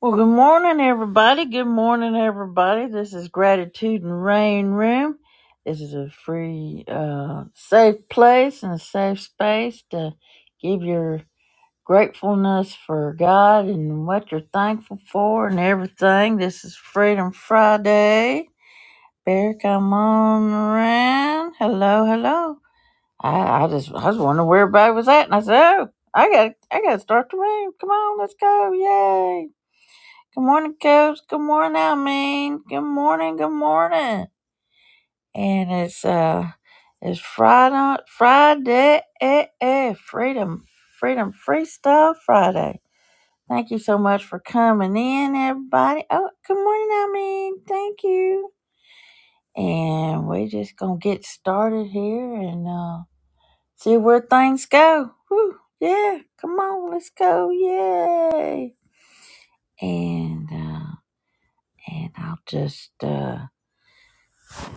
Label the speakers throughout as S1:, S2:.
S1: Well, good morning, everybody. Good morning, everybody. This is Gratitude and Rain Room. This is a free, uh, safe place and a safe space to give your gratefulness for God and what you're thankful for and everything. This is Freedom Friday. Bear, come on around. Hello, hello. I, I just, I was wondering where everybody was at, and I said, oh, I got, I got to start the room. Come on, let's go. Yay. Good morning, Coach. Good morning, Almaine. Good morning. Good morning. And it's uh, it's Friday, Friday, eh, eh, Freedom, Freedom Freestyle Friday. Thank you so much for coming in, everybody. Oh, good morning, Almaine. Thank you. And we're just gonna get started here and uh, see where things go. Woo, yeah, come on, let's go, yay! And uh, and I'll just uh.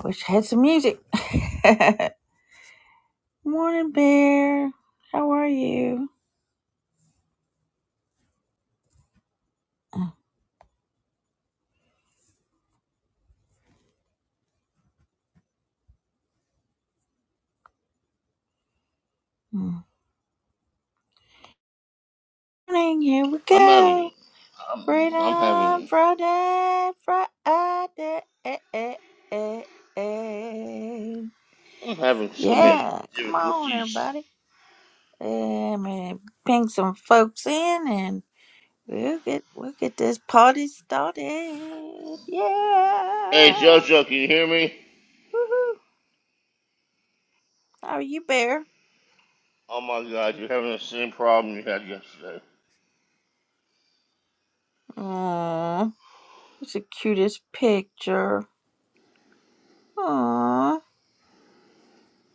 S1: Wish I had some music. Morning, Bear. How are you? Uh, mm. Morning, here we
S2: I'm having,
S1: go.
S2: I'm, I'm
S1: Freedom
S2: having,
S1: Friday, Friday.
S2: I'm having so many
S1: Yeah, come on,
S2: difficulties.
S1: everybody. Let me ping some folks in and we'll get we'll get this party started.
S2: Hey,
S1: Yeah.
S2: JoJo, can you hear me?
S1: Woohoo. How are you, Bear?
S2: Oh my God, you're having the same problem you had yesterday.
S1: Aw. It's the cutest picture. Aww.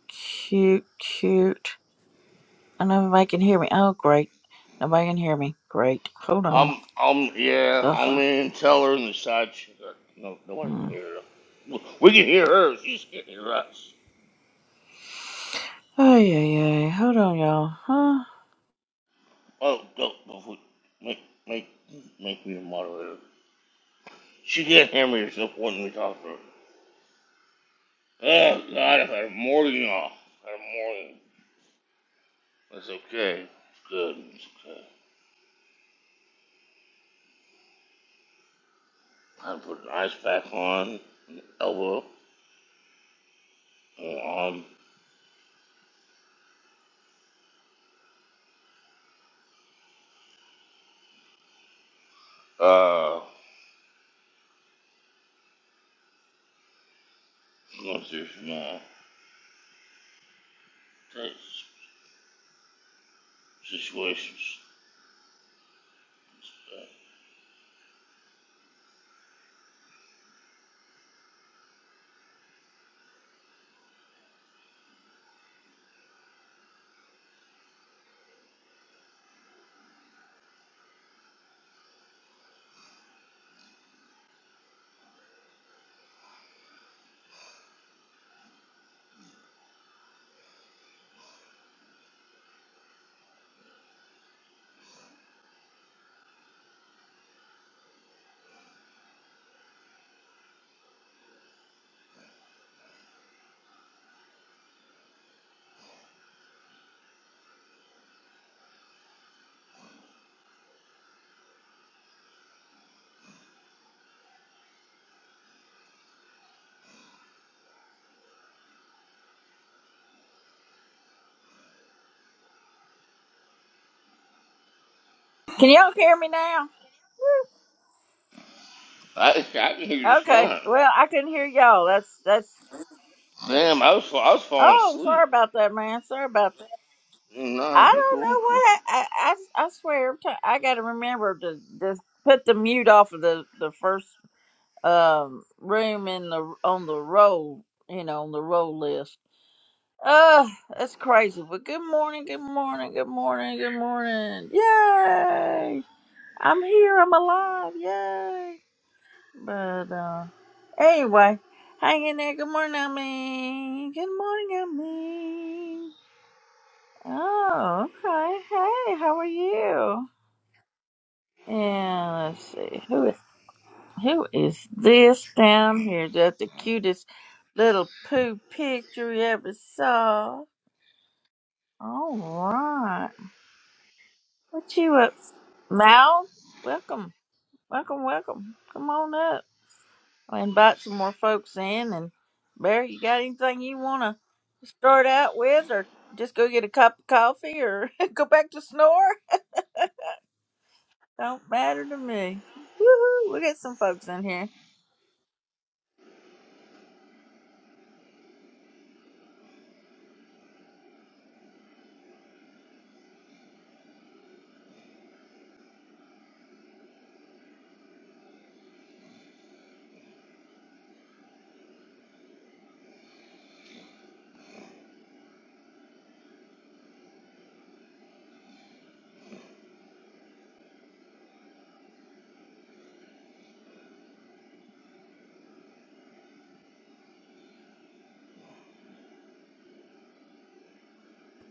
S1: Cute, cute. I don't know if nobody can hear me. Oh, great. Nobody can hear me. Great. Hold on.
S2: I'm, I'm, yeah,
S1: Ugh.
S2: I'm in Tell her in the side. ch- No, nobody can
S1: Mm.
S2: hear her. We can hear her. She just can't hear us.
S1: Oh, yeah, yeah. Hold on, y'all. Huh?
S2: Oh, go, go go. make, make, make me a moderator. She can't hear me. It's no point in to her. Oh God, I've had a morning off. I had a morning. That's okay. It's good. It's okay. I put the ice pack on, elbow, and arm. Uh, going through some uh, situations.
S1: Can y'all hear me now?
S2: I, I can hear you
S1: Okay.
S2: fine.
S1: Well, I couldn't hear y'all. That's, that's,
S2: Damn, I was I was falling
S1: oh,
S2: asleep.
S1: sorry about that, man. Sorry about that. I
S2: Nah, you're
S1: don't
S2: cool.
S1: know
S2: cool.
S1: what, I, I, I I swear, every time- I got to remember to just put the mute off of the, the first um room in the on the roll, you know, on the roll list. Uh, that's crazy. But good morning, good morning, good morning, good morning. Yay! I'm here, I'm alive, yay. But uh anyway, hang in there, good morning, Amy. Good morning, Amy. Oh, okay. Hey, how are you? And let's see. Who Who is this down here? That's the cutest little poo picture you ever saw. All right. What you up? Mal, welcome. Welcome, welcome. Come on up. I'll invite some more folks in. And Barry, you got anything you want to start out with, or just go get a cup of coffee, or go back to snore? Don't matter to me. Woohoo! We got some folks in here.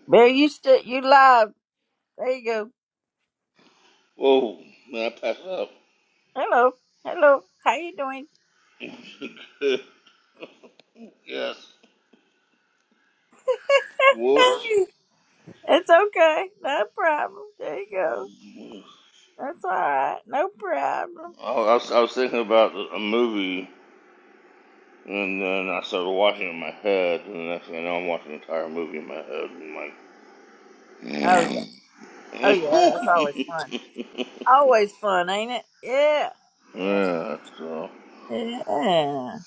S1: Barry, you still you live. There you go.
S2: Whoa, man, I passed out.
S1: Hello. Hello. How you doing?
S2: yes. Whoops.
S1: Hey. It's okay. No problem. There you go. That's all right. No problem.
S2: I I, was, I was thinking about a movie, and then I started watching it in my head, and the next thing I know, I'm watching the entire movie in my head, and I'm like,
S1: Oh yeah.
S2: mm.
S1: Oh
S2: yeah,
S1: yeah. It's always fun. Always fun, ain't it? Yeah. Yeah.
S2: so.
S1: Yeah.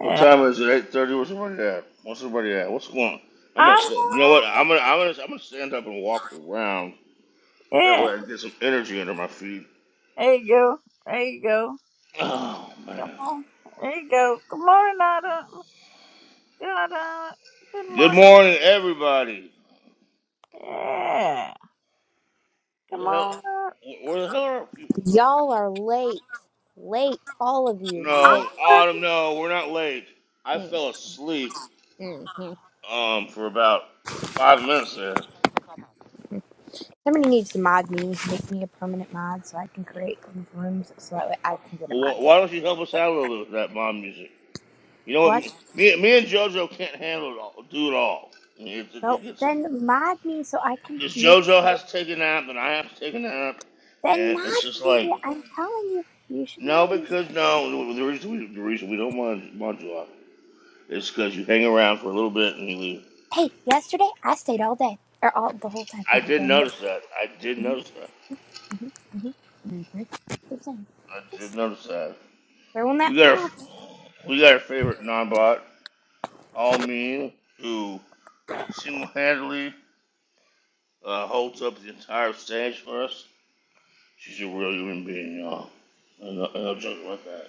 S2: What
S1: Yeah.
S2: time is it? Eight thirty. Where's everybody at? What's everybody at? What's going? on? I'm gonna
S1: I
S2: stand. You know what?
S1: know.
S2: I'm gonna I'm gonna I'm gonna stand up and walk around. That
S1: Yeah.
S2: way I can get some energy under my feet.
S1: There you go. There you go.
S2: Oh
S1: Come
S2: man.
S1: on. There you go. Good morning, Nada. Good, uh, good
S2: Good
S1: morning.
S2: morning, everybody.
S1: Yeah.
S2: Where
S1: Come
S2: the hell?
S1: on.
S2: wh- Where the hell are our people?
S3: Y'all are late. Late. All of you late.
S2: No, Autumn. No, we're not late. I
S3: Mm,
S2: fell asleep
S3: mm, mm.
S2: um for about five minutes there.
S3: Somebody needs to mod me, make me a permanent mod so I can create these rooms so that way I can get a
S2: Well,
S3: mod.
S2: wh- why don't you help us out a little bit with that mom You know what?
S3: What?
S2: Me, me and JoJo can't handle it all. Do it all. I mean, It, it,
S3: No,
S2: gets
S3: then mod me so I can
S2: because
S3: make.
S2: JoJo has to take a nap, and I have to take a nap,
S3: Then
S2: and it's just
S3: mod me.
S2: like
S3: I'm telling you, you should
S2: no,
S3: mod me.
S2: because no. The reason we, the reason we don't want want you off is because you hang around for a little bit and you leave.
S3: Hey, yesterday I stayed all day. Or all the whole time.
S2: I
S3: Thank you
S2: did
S3: very much.
S2: notice that. I did
S3: Mm-hmm,
S2: notice that.
S3: hmm hmm hmm Just saying.
S2: I did
S3: Just
S2: notice that.
S3: throwing that
S2: We
S3: one
S2: got our
S3: out there.
S2: we got our favorite non-bot, all mean, who single-handedly uh, holds up the entire stage for us. She's a real human being, y'all. I know, I know jokes like that.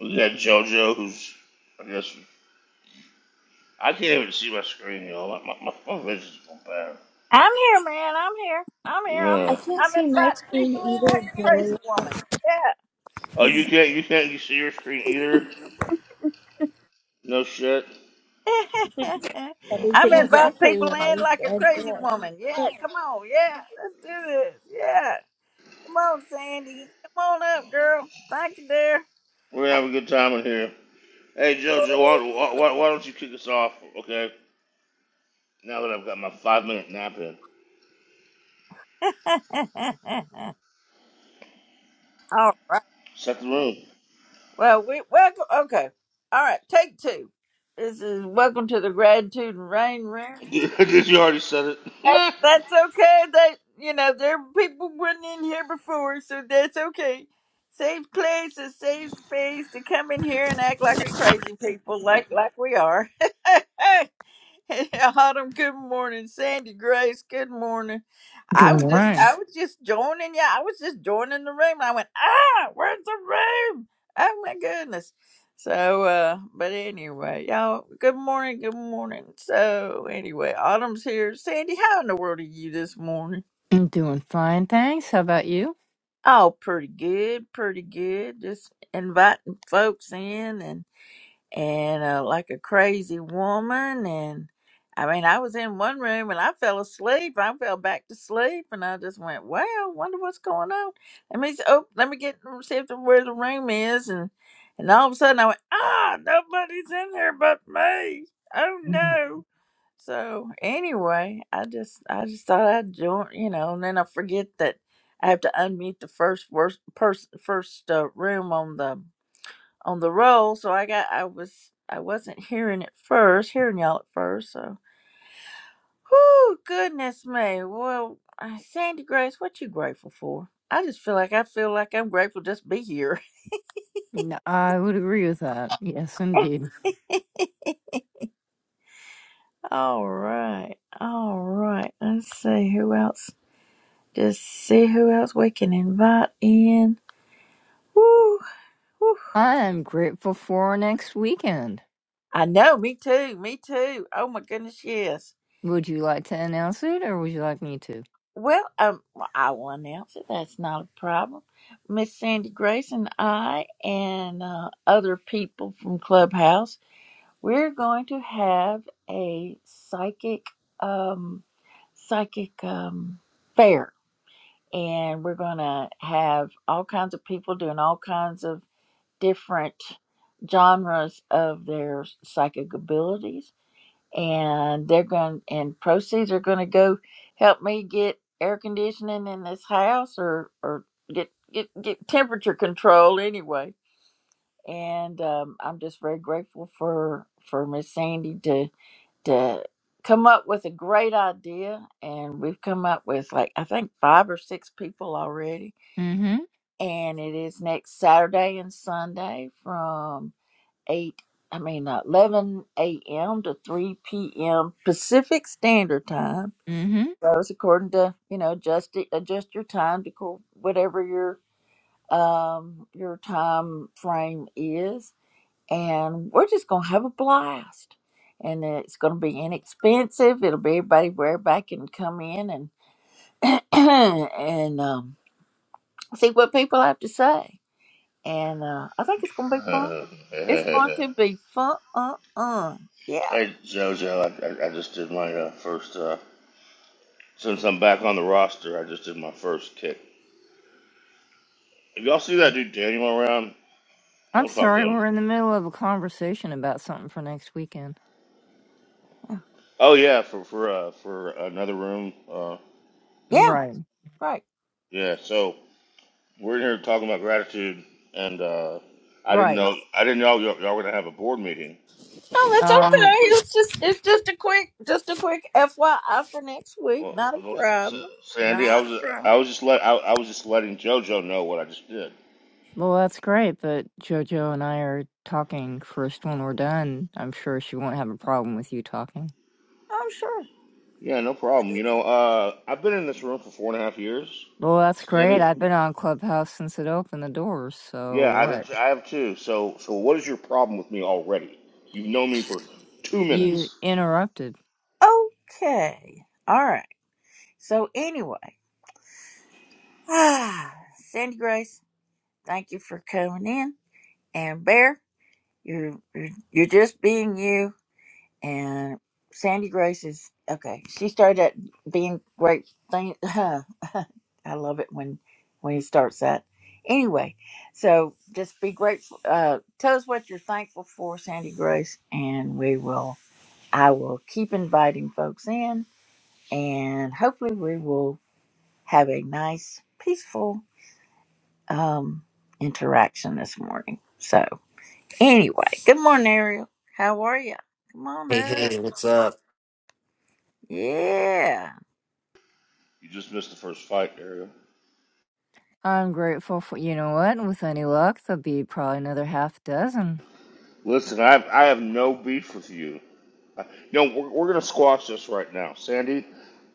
S2: We got JoJo, who's I guess I can't even see my screen, y'all. My my, my, my vision's gone bad.
S1: I'm here, man. I'm here. I'm here. I'm
S3: I
S2: Yeah.
S3: can't
S1: I'm
S3: see my
S1: inviting
S3: screen
S1: people in like
S3: either,
S1: a
S3: Billy.
S1: crazy woman.
S2: Oh, you can't you can't you see your screen either? No shit.
S1: Yeah.
S3: That is
S1: I'm
S2: We're
S1: inviting
S3: exactly
S1: people
S3: what I
S1: in like a
S3: said.
S1: crazy woman.
S3: yeah.
S1: Yeah. Come on. Yeah. Let's do this. Yeah. Come on, Sandy. Come on up, girl. Thank you, dear.
S2: having a good time in here. Hey JoJo, why, why, why don't you kick us off? Okay. Now that I've got my five minute nap in,
S1: All right.
S2: set the room.
S1: Well, we welcome. Okay. All right. Take two. This is welcome to the gratitude and rain room.
S2: Did you already set it?
S1: That,
S2: hey
S1: that's okay. That you know, there people weren't in here before, so that's okay. Safe place, a safe space to come in here and act like a crazy people, like like we are. Hey, Autumn, good morning. Sandy Grace, good morning.
S4: Good
S1: I was just
S4: morning.
S1: I was just joining yeah, I was just joining the room. I went, ah, where's the room? Oh my goodness. So uh but anyway, y'all good morning, good morning. So anyway, Autumn's here. Sandy, how in the world are you this morning?
S4: I'm doing fine, thanks. How about you?
S1: Oh, pretty good, pretty good. Just inviting folks in and. and uh, like a crazy woman. And I mean, I was in one room and I fell asleep. I fell back to sleep, and I just went, "Wow, wonder what's going on." Let me s- oh, let me get see if the, where the room is, and and all of a sudden I went, "Ah, nobody's in there but me." Oh
S4: Mm.
S1: no. So anyway, I just I just thought I'd join, you know, and then I forget that I have to unmute the first worst person first uh, room on the on the roll, so I got I was I wasn't hearing it first, hearing y'all at first. So, whoo, goodness me. Well, uh, Sandy Grace, what you grateful for? I just feel like I feel like I'm grateful just to be here.
S4: No, I would agree with that. Yes, indeed.
S1: all right, all right. Let's see who else. Just see who else we can invite in. Woo, woo.
S4: I am grateful for next weekend.
S1: I know, me too, me too. Oh my goodness, yes.
S4: Would you like to announce it, or would you like me to?
S1: Well, um, well, I will announce it. That's not a problem. Miss Sandy Grace and I, and uh, other people from Clubhouse, we're going to have a psychic, um, psychic um, fair, and we're going to have all kinds of people doing all kinds of different genres of their psychic abilities and they're going and proceeds are going to go help me get air conditioning in this house or or get get get temperature control anyway and um, i'm just very grateful for for miss sandy to to come up with a great idea and we've come up with like i think five or six people already
S4: Mm-hmm.
S1: and it is next saturday and sunday from eight I mean uh, eleven a.m. to three p.m. Pacific Standard Time.
S4: Mm-hmm.
S1: So it's according to you know adjust it, adjust your time to co- whatever your um your time frame is, and we're just gonna have a blast. And it's going to be inexpensive. It'll be everybody where everybody can come in and and um, see what people have to say. And uh, I think it's going to be fun. It's going to be fun. Uh, uh. Yeah.
S2: JoJo, I, I, I just did my uh, first. Uh, Since I'm back on the roster, I just did my first kick. If y'all see that dude Daniel around,
S4: I'm
S2: don't talk to
S4: sorry,
S2: him.
S4: we're in the middle of a conversation about something for next weekend.
S2: Oh yeah, for for uh, for another room. Uh,
S1: Yeah,
S4: Right.
S1: right.
S2: yeah, so we're in here talking about gratitude, and uh, I didn't
S4: Right.
S2: know I didn't know y'all, y'all were gonna have a board meeting.
S1: No, that's okay.
S4: Um.
S1: It's just it's just a quick just a quick FYI for next week.
S2: Well,
S1: Not a
S2: well, Sa-
S1: problem.
S2: Sandy, I
S1: Not a
S2: was
S1: problem.
S2: I was just let I, I was just letting JoJo know what I just did.
S4: Well, that's great, but JoJo and I are talking first when we're done. I'm sure she won't have a problem with you talking.
S1: Oh sure.
S2: Yeah, no problem. You know, uh, I've been in this room for four and a half years,
S4: Well, that's great.
S2: Sandy.
S4: I've been on Clubhouse since it opened the doors, so
S2: Yeah, I
S4: what?
S2: did. I have too. So, so what is your problem with me already? You've known me for two
S4: You
S2: minutes.
S4: interrupted.
S1: Okay. All right. So anyway. ah, Sandy Grace, thank you for coming in. And Bear, you're you're, you're just being you and Sandy Grace is okay. She started at being great thing. I love it when when he starts that. Anyway, so just be grateful. Uh, tell us what you're thankful for, Sandy Grace, and we will. I will keep inviting folks in, and hopefully we will have a nice, peaceful um, interaction this morning. So anyway, good morning, Ariel. How are you? Come on,
S5: Hey,
S1: up.
S5: hey, what's up?
S1: Yeah.
S2: You just missed the first fight, Dario.
S4: I'm grateful for, you know what? With any luck, there'll be probably another half dozen.
S2: Listen, I have, I have no beef with you. I, no, we're, we're gonna squash this right now, Sandy.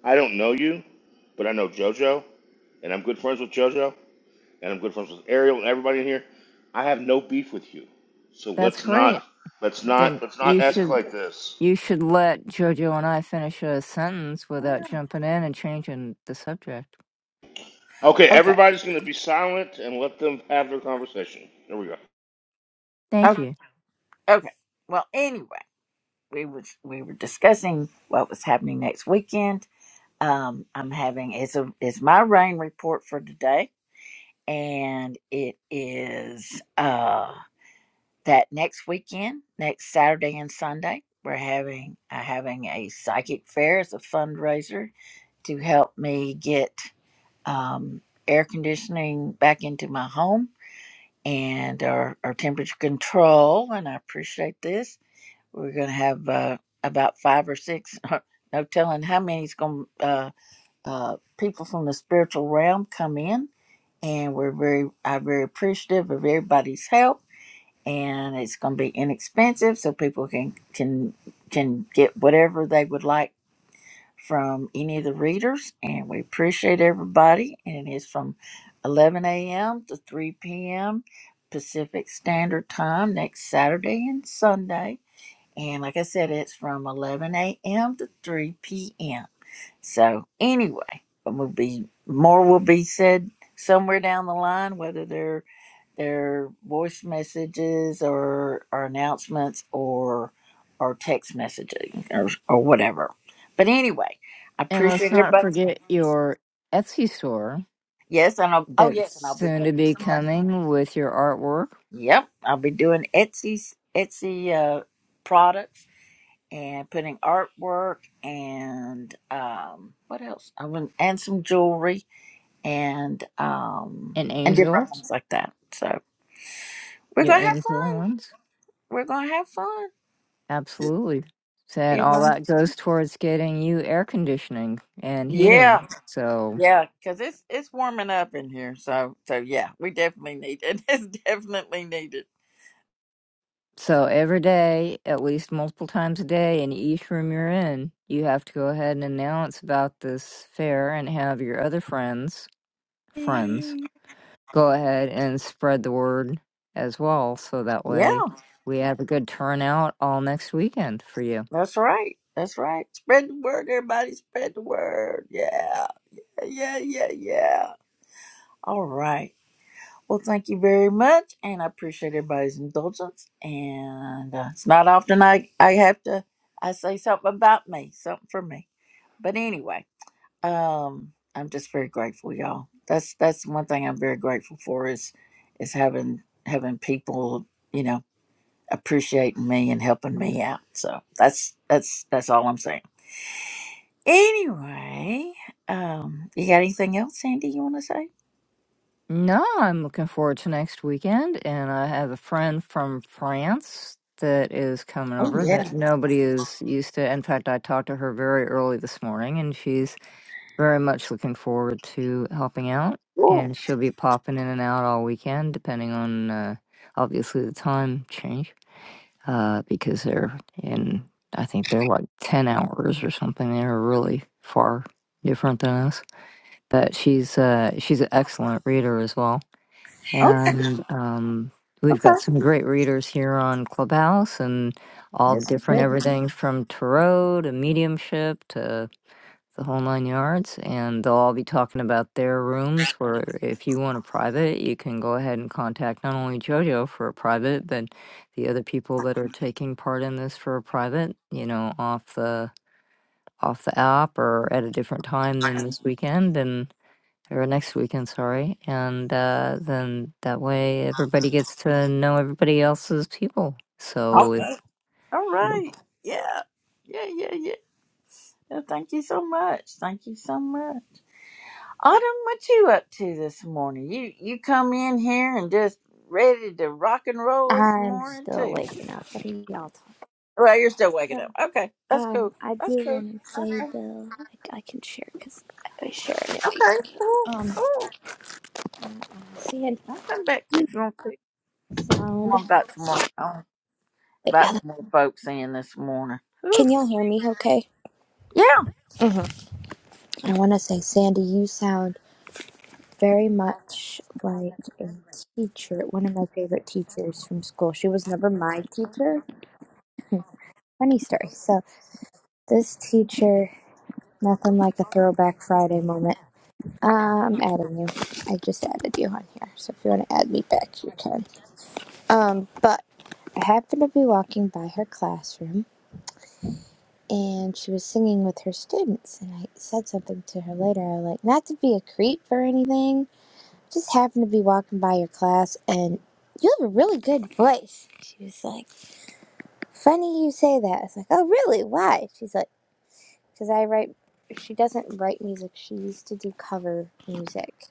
S2: I don't know you, but I know JoJo, and I'm good friends with JoJo, and I'm good friends with Ariel and everybody in here. I have no beef with you. So
S4: That's
S2: let's not,
S4: great.
S2: let's not,
S4: Then
S2: let's not
S4: you should
S2: escalate this.
S4: you should let Jojo and I finish a sentence without
S1: Ah,
S4: jumping in and changing the subject.
S2: Okay,
S1: Okay.
S2: everybody's gonna be silent and let them have their conversation. There we go.
S4: Thank
S1: Okay.
S4: you.
S1: Okay. Well, anyway, we was we were discussing what was happening next weekend. Um, I'm having it's a it's my rain report for today, and it is uh that next weekend, next Saturday and Sunday, we're having uh, having a psychic fair as a fundraiser to help me get um air conditioning back into my home and our, our temperature control and i appreciate this We're going to have uh, about five or six, no telling how many's going to uh, uh, people from the spiritual realm come in, and we're very I'm very appreciative of everybody's help. And it's going to be inexpensive, so people can can can get whatever they would like from any of the readers. And we appreciate everybody. And it is from 11 a.m. to 3 p.m. Pacific Standard Time next Saturday and Sunday and like I said, it's from 11 a.m. to 3 p.m. So anyway, but will be more will be said somewhere down the line, whether they're they're voice messages or, or announcements or or text messaging or or whatever. But anyway, I
S4: And let's
S1: appreciate
S4: not
S1: everybody.
S4: forget your Etsy store
S1: Yes, and I'll, oh
S4: that's
S1: yes, and I'll be
S4: soon to
S1: putting
S4: be
S1: something.
S4: coming with your artwork
S1: Yep, I'll be doing Etsy Etsy uh, products and putting artwork and um what else? I went and some jewelry and um
S4: and
S1: and different
S4: angels,
S1: things like that. So we're
S4: your
S1: gonna have
S4: angel
S1: fun.
S4: ones.
S1: We're gonna have fun.
S4: Absolutely. Said all
S1: Eva.
S4: that goes towards getting you air conditioning and heating.
S1: Yeah,
S4: So,
S1: yeah, because it's it's warming up in here. So so yeah, we definitely need it. It's definitely needed.
S4: so every day, at least multiple times a day, in each room you're in, you have to go ahead and announce about this fair and have your other friends, friends, go ahead and spread the word as well. So that way
S1: Yeah,
S4: we have a good turnout all next weekend for you.
S1: that's right. That's right. Spread the word, everybody. Spread the word. Yeah, yeah, yeah, yeah. All right. Well, thank you very much, and I appreciate everybody's indulgence. And uh, it's not often I I have to I say something about me, something for me. But anyway, um, I'm just very grateful, y'all. That's that's one thing I'm very grateful for is is having having people, you know, appreciating me and helping me out. So that's that's that's all I'm saying. Anyway, um, you got anything else, Sandy? You want to say?
S4: No, I'm looking forward to next weekend, and I have a friend from France that is coming
S1: Oh
S4: over that
S1: yeah.
S4: nobody is used to. In fact, I talked to her very early this morning, and she's very much looking forward to helping out,
S1: Cool.
S4: and she'll be popping in and out all weekend, depending on uh, obviously the time change, uh, because they're in, I think they're like 10 hours or something. They're really far different than us. But she's uh, she's an excellent reader as well
S1: Okay.
S4: and um, we've got
S1: Okay.
S4: some great readers here on Clubhouse and all
S1: Yes.
S4: different everything from tarot to mediumship to the whole nine yards. And they'll all be talking about their rooms where if you want a private, you can go ahead and contact not only JoJo for a private, but the other people that are taking part in this for a private, you know, off the off the app or at a different time than this
S1: All
S4: weekend and or next weekend, sorry. And uh, then that way everybody gets to know everybody else's people. So it.
S1: right. All right. Yeah. Yeah, yeah, yeah. Yeah, Thank you so much. Thank you so much. Autumn, what you up to this morning? You you come in here and just ready to rock and roll this
S3: I'm
S1: morning
S3: still
S1: too.
S3: waking up. What are y'all talking
S1: Well, you're still
S3: about?
S1: waking up. Okay. That's
S3: Um,
S1: cool.
S3: I
S1: That's
S3: do
S1: cool.
S3: want to
S1: That's
S3: say
S1: cool.
S3: though, I, I can share because I was it.
S1: Okay, cool, cool.
S3: Sandy
S1: I'll come back to you if you want to come
S3: sound.
S1: on about some more um,
S3: Wait,
S1: about
S3: hello.
S1: some more folks in this morning. Whew.
S3: Can y'all hear me? Okay.
S1: Yeah.
S3: hmm I want to say, Sandy, you sound very much like a teacher, one of my favorite teachers from school. She was never my teacher. Funny story. So this teacher, nothing like a throwback Friday moment. I'm adding you. I just added you on here. So if you want to add me back, you can. Um, but I happened to be walking by her classroom and she was singing with her students. And I said something to her later. I was like, not to be a creep or anything, just happened to be walking by your class and you have a really good voice. She was like, funny you say that. I was like, oh, really? Why? She's like, because I write, she doesn't write music. She used to do cover music.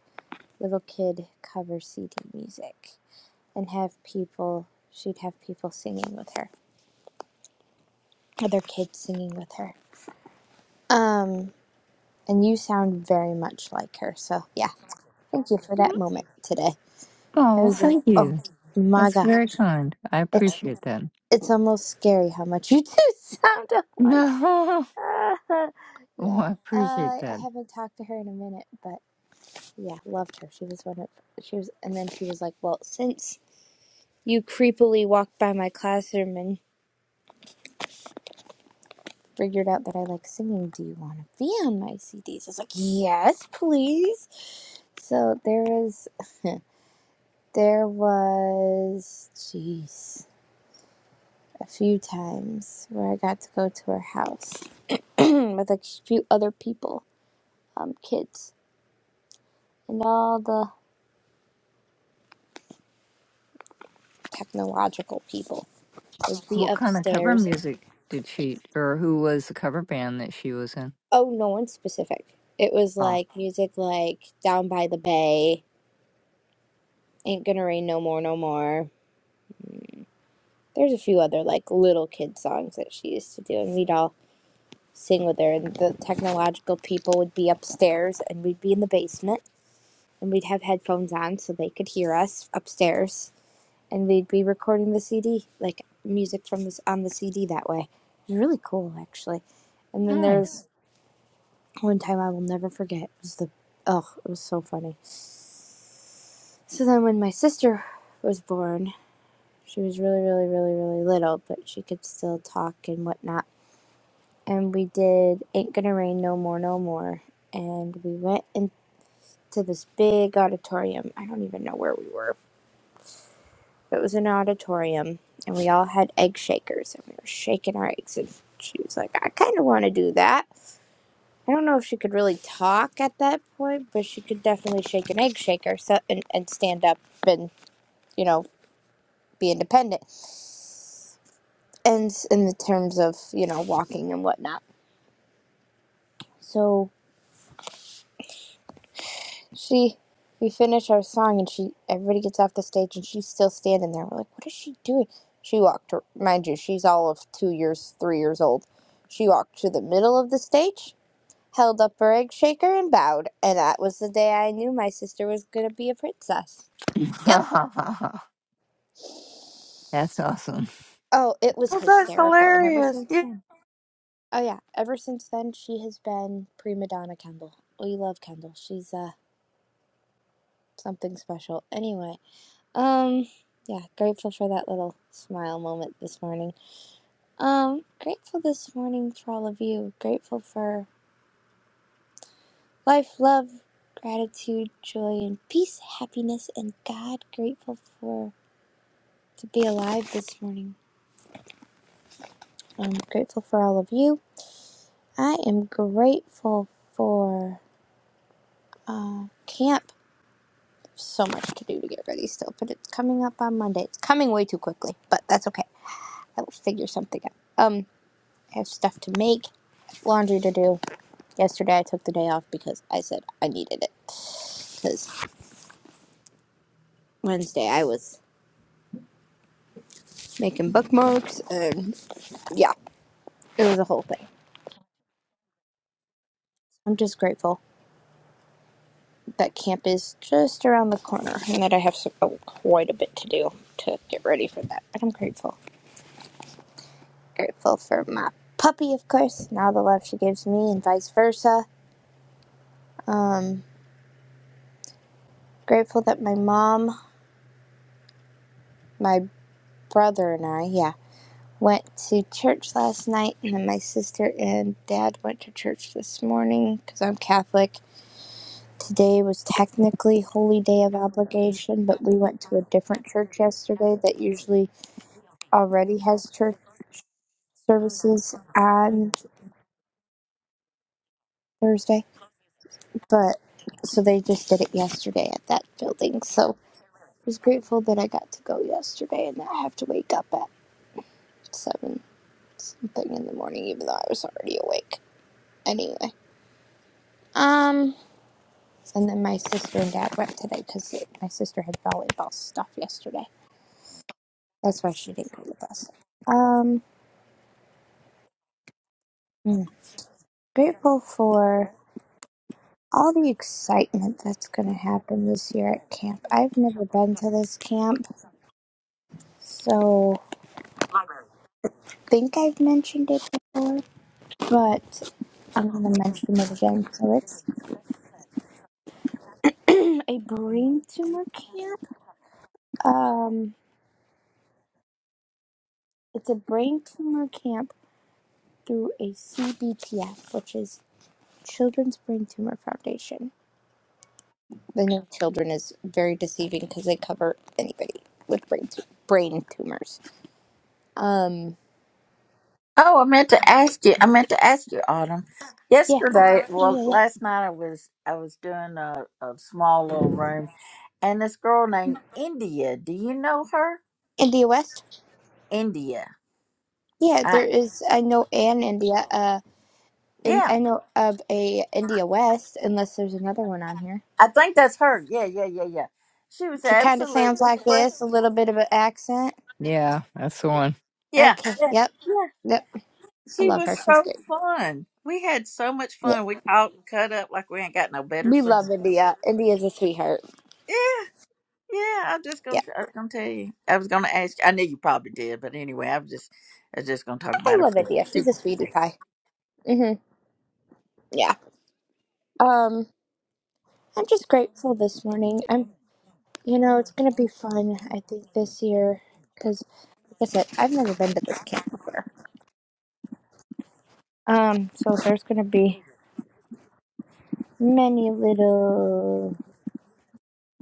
S3: little kid cover CD music and have people, she'd have people singing with her, other kids singing with her. Um, and you sound very much like her. So, yeah, thank you for that moment today. I
S4: Oh,
S3: was like,
S4: thank
S3: oh
S4: you.
S3: my
S4: That's very
S3: gosh.
S4: kind. I
S3: It's,
S4: appreciate that.
S3: it's almost scary how much you do sound alike.
S4: No,
S3: Ah,
S4: oh,
S3: yeah,
S4: I appreciate
S3: I I
S4: that.
S3: haven't talked to her in a minute, but yeah, loved her. She was one of, she was, and then she was like, well, since you creepily walked by my classroom and. figured out that I like singing, do you want to be on my CDs? I was like, yes, please. So there was, there was, jeez, a few times where I got to go to her house with like, a few other people, um, kids, and all the technological people would be
S4: What kind of cover
S3: upstairs.
S4: music did she, or who was the cover band that she was in?
S3: Oh, no one specific. It was
S4: Oh,
S3: like music like Down by the Bay, Ain't Gonna Rain No More, No More There's a few other like little kid songs that she used to do, and we'd all sing with her. And the technological people would be upstairs, and we'd be in the basement, and we'd have headphones on so they could hear us upstairs, and we'd be recording the CD like music from this on the CD that way. It was really cool actually. And then
S4: nice.
S3: there's one time I will never forget. It was the oh, it was so funny. So then when my sister was born, she was really, really, really, really little, but she could still talk and whatnot and we did Ain't Gonna Rain No More, No More. And we went into this big auditorium. I don't even know where we were. It was an auditorium, and we all had egg shakers, and we were shaking our eggs. And she was like, I kind of want to do that. I don't know if she could really talk at that point, but she could definitely shake an egg shaker so, and, and stand up and, you know, be independent. And s- in the terms of, you know, walking and whatnot. so. She, we finish our song and she, everybody gets off the stage and she's still standing there. We're like, what is she doing? She walked, mind you, she's all of two years, three years old. She walked to the middle of the stage, held up her egg shaker, and bowed. And that was the day I knew my sister was going to be a princess. Yep.
S4: That's awesome.
S3: Oh, it was
S1: Well that's
S3: hysterical. And ever
S1: hilarious.
S3: since
S1: Yeah.
S3: then, oh yeah, ever since then, she has been prima donna Kendall. We love Kendall. She's, uh, something special. Anyway, Um, yeah, grateful for that little smile moment this morning. Um, grateful this morning for all of you. Grateful for life, love, gratitude, joy, and peace, happiness, and God. Grateful for to be alive this morning. I'm grateful for all of you. I am grateful for uh, camp. So much to do to get ready still, but it's coming up on Monday. It's coming way too quickly, but that's okay. I will figure something out. Um, I have stuff to make, laundry to do Yesterday I took the day off because I said I needed it. Because Wednesday I was making bookmarks and yeah, it was a whole thing. I'm just grateful that camp is just around the corner and that I have some, oh, quite a bit to do to get ready for that. But I'm grateful. Grateful for my puppy, of course, and all the love she gives me and vice versa. I'm grateful that my mom, my brother, and I, yeah. Went to church last night, and then my sister and dad went to church this morning because I'm Catholic. Today was technically Holy Day of Obligation, but we went to a different church yesterday that usually already has church services on Thursday. But so they just did it yesterday at that building. So I was grateful that I got to go yesterday and that I have to wake up at seven something in the morning, even though I was already awake. Anyway, um. And then my sister and dad went today because my sister had volleyball stuff yesterday. That's why she didn't go with us. Um, hmm, grateful for all the excitement that's going to happen this year at camp. I've never been to this camp, so I think I've mentioned it before, but I'm going to mention it again. So it's a brain tumor camp. Um, it's a brain tumor camp through a CBTF, which is Children's Brain Tumor Foundation. The name children is very deceiving because they cover anybody with brain tu- brain tumors. Um,
S1: Oh, I meant to ask you. I meant to ask you, Autumn.
S3: yeah,
S1: Yesterday,
S3: yeah,
S1: well,
S3: yeah. yeah.
S1: last night I was I was doing a, a small little room, and this girl named India. Do you know her?
S3: India West.
S1: India.
S3: Yeah,
S1: I
S3: there is. I know an India. Uh, and
S1: yeah.
S3: I know of a India West, unless there's another one on here.
S1: I think that's her. Yeah, yeah, yeah, yeah. She was
S3: She kind of sounds
S1: absolutely
S3: like
S1: pre-
S3: this, a little bit of an accent.
S4: Yeah, that's the one.
S1: yeah,
S3: Okay.
S1: yeah,
S3: Yep.
S1: yeah.
S3: Yep. I
S1: She
S3: love
S1: was
S3: her. She's
S1: so
S3: great.
S1: fun. We had so much
S3: Yeah,
S1: fun. We talked and cut up like we ain't got no better
S3: we
S1: scene.
S3: love India. India's a sweetheart.
S1: Yeah, Yeah, I'm just
S3: Yeah,
S1: gonna. I was gonna tell you. I was gonna ask. I knew you probably did, but anyway, I was just. I was just gonna talk
S3: I
S1: about it
S3: love
S1: for
S3: India.
S1: two.
S3: She's a sweetie
S1: minutes.
S3: pie. Mhm. Yeah. Um. I'm just grateful this morning. I'm, you know, it's gonna be fun. I think this year, because like I said, I've never been to this camp before. Um, so there's gonna be many little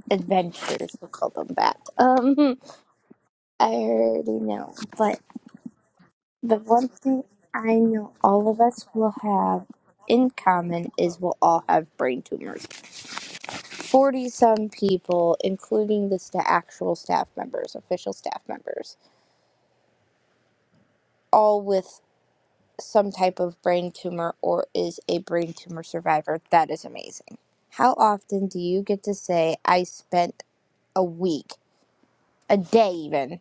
S3: adventures. We'll call them that. Um, I already know, but the one thing I know all of us will have in common is we'll all have brain tumors. Forty some people, including the sta actual staff members, official staff members, all with some type of brain tumor or is a brain tumor survivor, that is amazing. How often do you get to say, I spent a week, a day even,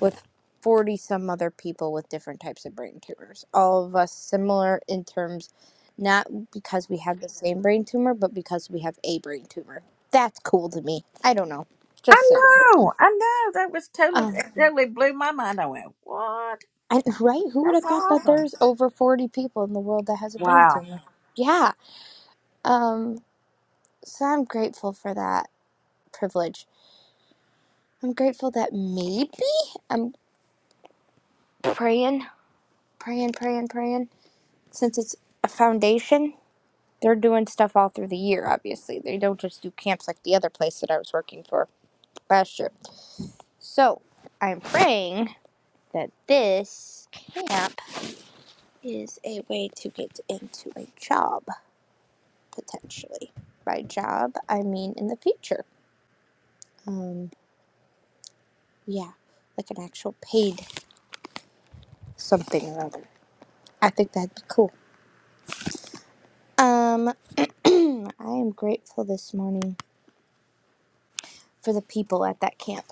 S3: with 40 some other people with different types of brain tumors? All of us similar in terms, not because we have the same brain tumor, but because we have a brain tumor. That's cool to me. I don't know.
S1: I
S3: Just saying.
S1: know. I know. That was totally.
S3: Um,
S1: It totally blew my mind. I went, "What?
S3: and, right? Who would
S1: That's
S3: have thought that
S1: awesome!
S3: there's over 40 people in the world that has a brain
S1: Wow.
S3: tumor? Yeah. Um, So I'm grateful for that privilege. I'm grateful that maybe I'm praying, praying, praying, praying. Since it's a foundation, they're doing stuff all through the year, obviously. They don't just do camps like the other place that I was working for last year. So I'm praying that this camp is a way to get into a job, potentially. By job, I mean in the future. Um, yeah, like an actual paid something or other. I think that'd be cool. Um, I am grateful this morning for the people at that camp.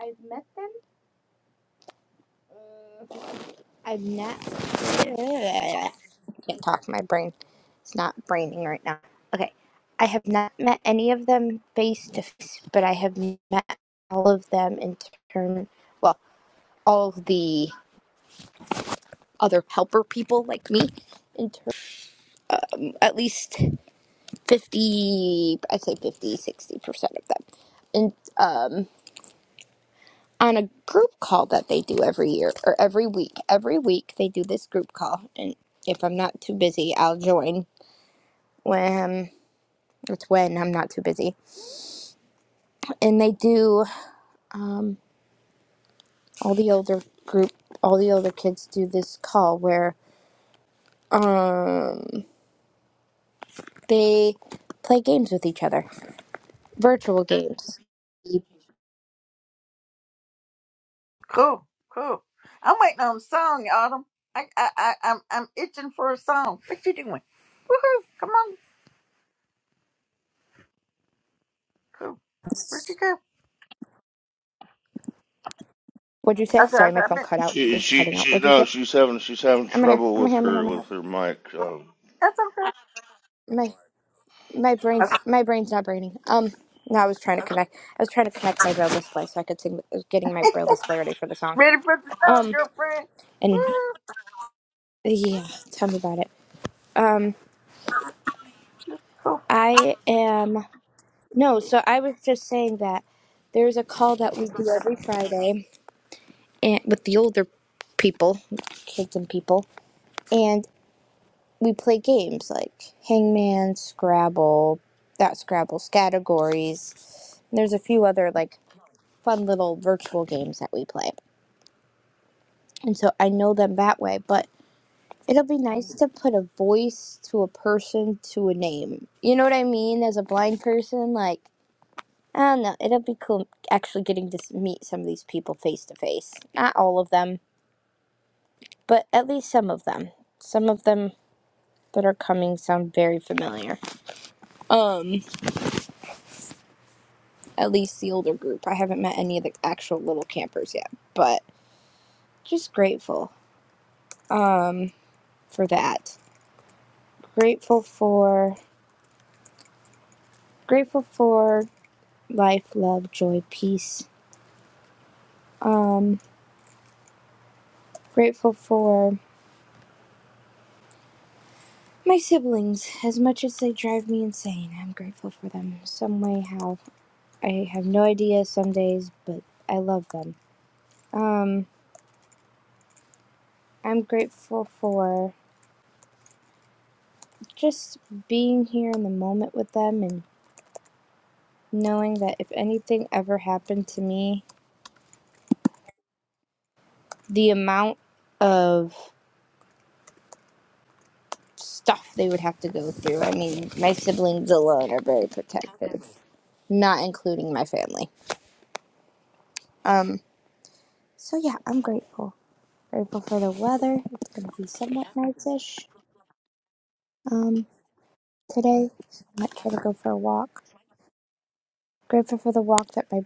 S3: I've met them. I've not. I can't talk. My brain it's not braining right now. Okay, I have not met any of them face to face, but I have met all of them in turn. Well, all of the other helper people like me, in turn, at least fifty. I'd say 50, 60 percent of them, and um. on a group call that they do every year or every week. Every week they do this group call, and if I'm not too busy, I'll join when it's when I'm not too busy. And they do all the older group, all the older kids do this call where um they play games with each other, virtual games.
S1: Cool. Cool. I'm waiting on a song, Autumn. I. I. I I'm. I'm itching for a song. What you doing? Woohoo! Come on. Cool. Where'd you go?
S3: What'd you say?
S1: I said.
S3: Sorry,
S1: I said,
S3: my
S1: I've
S3: phone cut
S1: been.
S3: out.
S2: She
S3: It's
S2: she
S3: cutting out.
S2: she
S3: What'd you
S2: no,
S3: say?
S2: she's having she's having
S3: I'm right here.
S2: trouble
S3: I'm right
S2: with
S3: here. I'm right
S2: her
S3: here.
S2: with her mic. Um,
S1: That's okay.
S3: I'm right here. my brain's
S1: okay.
S3: my brain's not braining. Um, no, I was trying to connect. I was trying to connect my braille display so I could sing. I was getting my braille display ready for the song.
S1: Ready for the song,
S3: Um,
S1: girlfriend?
S3: and yeah, tell me about it. Um,
S1: Woo!
S3: I am no. So I was just saying that there's a call that we do every Friday and with the older people, kids and people, and we play games like Hangman, Scrabble, that Scrabble's categories. There's a few other like fun little virtual games that we play. And so I know them that way, but it'll be nice to put a voice to a person to a name. You know what I mean? As a blind person, like, I don't know. It'll be cool actually getting to meet some of these people face to face. Not all of them, but at least some of them. Some of them that are coming sound very familiar. Um, at least the older group. I haven't met any of the actual little campers yet, but just grateful um for that. Grateful for grateful for life, love, joy, peace. Um grateful for my siblings as much as they drive me insane. I'm grateful for them some way how I have no idea some days, but I love them. Um I'm grateful for just being here in the moment with them and knowing that if anything ever happened to me, the amount of stuff they would have to go through. I mean, my siblings alone are very protective, not including my family. Um, so yeah, I'm grateful. Grateful for the weather. It's gonna be somewhat nice-ish. Um, today So I might try to go for a walk. Grateful for the walk that my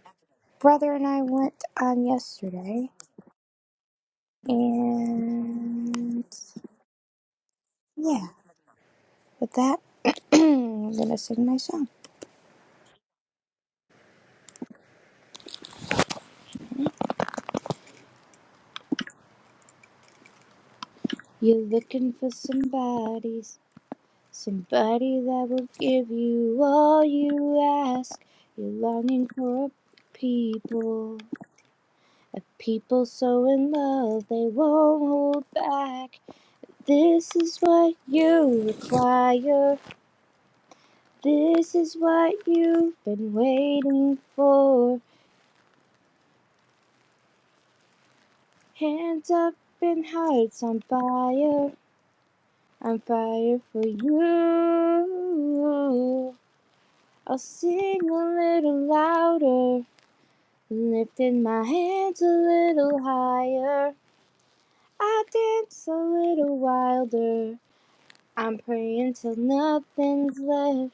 S3: brother and I went on yesterday. And yeah, with that, I'm gonna sing my song. You're looking for somebody, Somebody that will give you all you ask. You're longing for a people, a people so in love they won't hold back. This is what you require. This is what you've been waiting for. Hands up and hearts on fire. On fire for you. I'll sing a little louder. Lifted my hands a little higher. I dance a little wilder. I'm praying till nothing's left.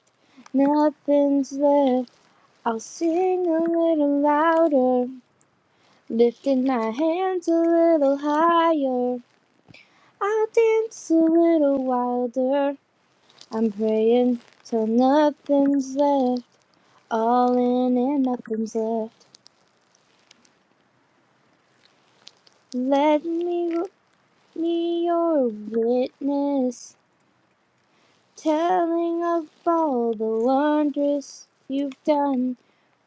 S3: Nothing's left. I'll sing a little louder. Lifted my hands a little higher. I'll dance a little wilder. I'm praying till nothing's left. All in and nothing's left. Let me me your witness. telling of all the wonders you've done.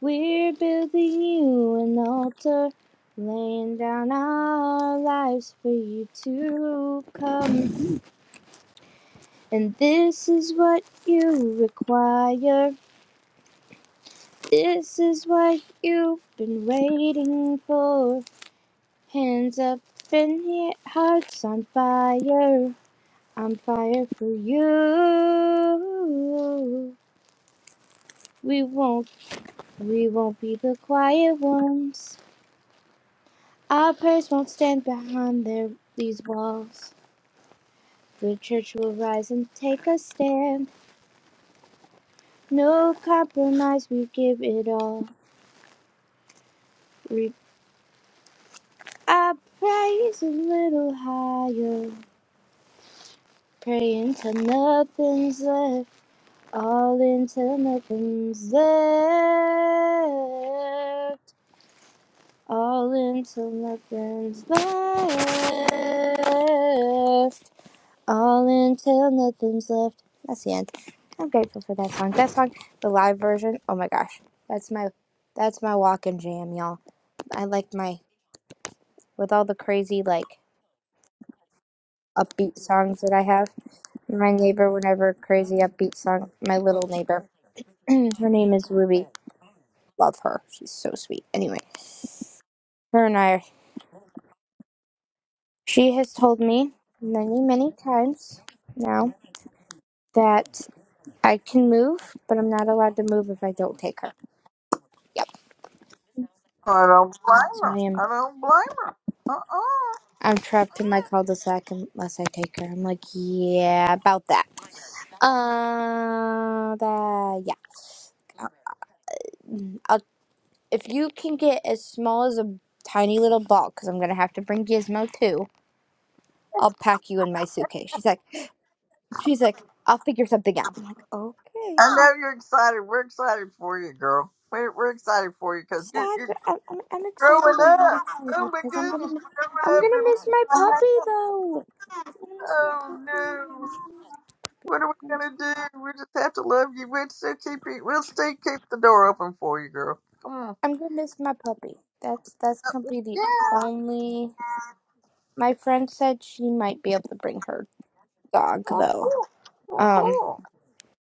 S3: We're building you an altar, laying down our lives for you to come. And this is what you require. This is what you've been waiting for. Hands up and he- hearts on fire, on fire for you. We won't We won't be the quiet ones. Our prayers won't stand behind their, these walls. The church will rise and take a stand. No compromise, we give it all. Reap our praise a little higher. Pray until nothing's left. All until nothing's left. All until nothing's left. All until nothing's left. That's the end. I'm grateful for that song. That song, the live version. Oh my gosh, that's my, that's my walk and jam, y'all. I like my with all the crazy like upbeat songs that I have. My neighbor, whenever crazy upbeat song, my little neighbor, her name is Ruby. Love her. She's so sweet. Anyway, her and I, she has told me many, many times now that I can move, but I'm not allowed to move if I don't take her. Yep.
S1: I don't blame
S3: So I
S1: her.
S3: am.
S1: I don't blame her. Uh-uh.
S3: I'm trapped in my cul-de-sac unless I take her. I'm like, yeah, about that. Uh, that yeah. I'll, if you can get as small as a tiny little ball, because I'm gonna have to bring Gizmo too. I'll pack you in my suitcase. She's like, she's like, I'll figure something out. I'm like, okay.
S1: I know you're excited. We're excited for you, girl. We're, we're excited for you
S3: I'm
S1: because you're,
S3: sad.
S1: you're
S3: But I'm, I'm, I'm
S1: growing
S3: excited and
S1: up.
S3: not excited
S1: Oh, my
S3: because I'm gonna
S1: goodness.
S3: miss.
S1: You're growing
S3: I'm
S1: up. You're
S3: gonna miss my
S1: learning.
S3: puppy though. I'm gonna miss my
S1: Oh,
S3: puppy.
S1: no.
S3: I'm
S1: What are
S3: gonna
S1: we going
S3: miss,
S1: to do? We just have to love you. We'll still keep you. We'll still keep the door open for you, girl. Come on.
S3: I'm gonna miss my puppy. That's that's gonna be the
S1: Yeah.
S3: only. My friend said she might be able to bring her dog
S1: Well,
S3: though.
S1: cool. Well,
S3: Um,
S1: cool.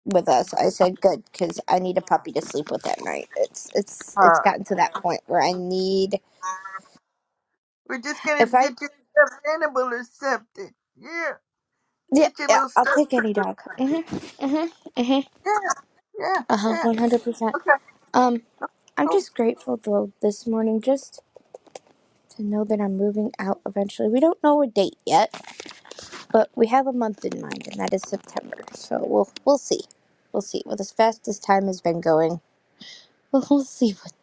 S3: with us, I said good because I need a puppy to sleep with at night. It's it's it's
S1: Uh,
S3: gotten to that point where I need
S1: we're just going
S3: if
S1: to get
S3: I
S1: you stuff animal or something. Yeah.
S3: yeah
S1: Get your
S3: yeah
S1: little
S3: I'll
S1: stuff.
S3: take any
S1: critter.
S3: dog. Mhm mhm mhm
S1: Yeah. Yeah,
S3: uh huh
S1: yeah.
S3: one hundred percent.
S1: Okay,
S3: Um, I'm
S1: cool.
S3: just grateful though this morning just to know that I'm moving out eventually. We don't know a date yet But we have a month in mind, and that is September. So we'll we'll see. We'll see. Well, as fast as time has been going, we'll, we'll see what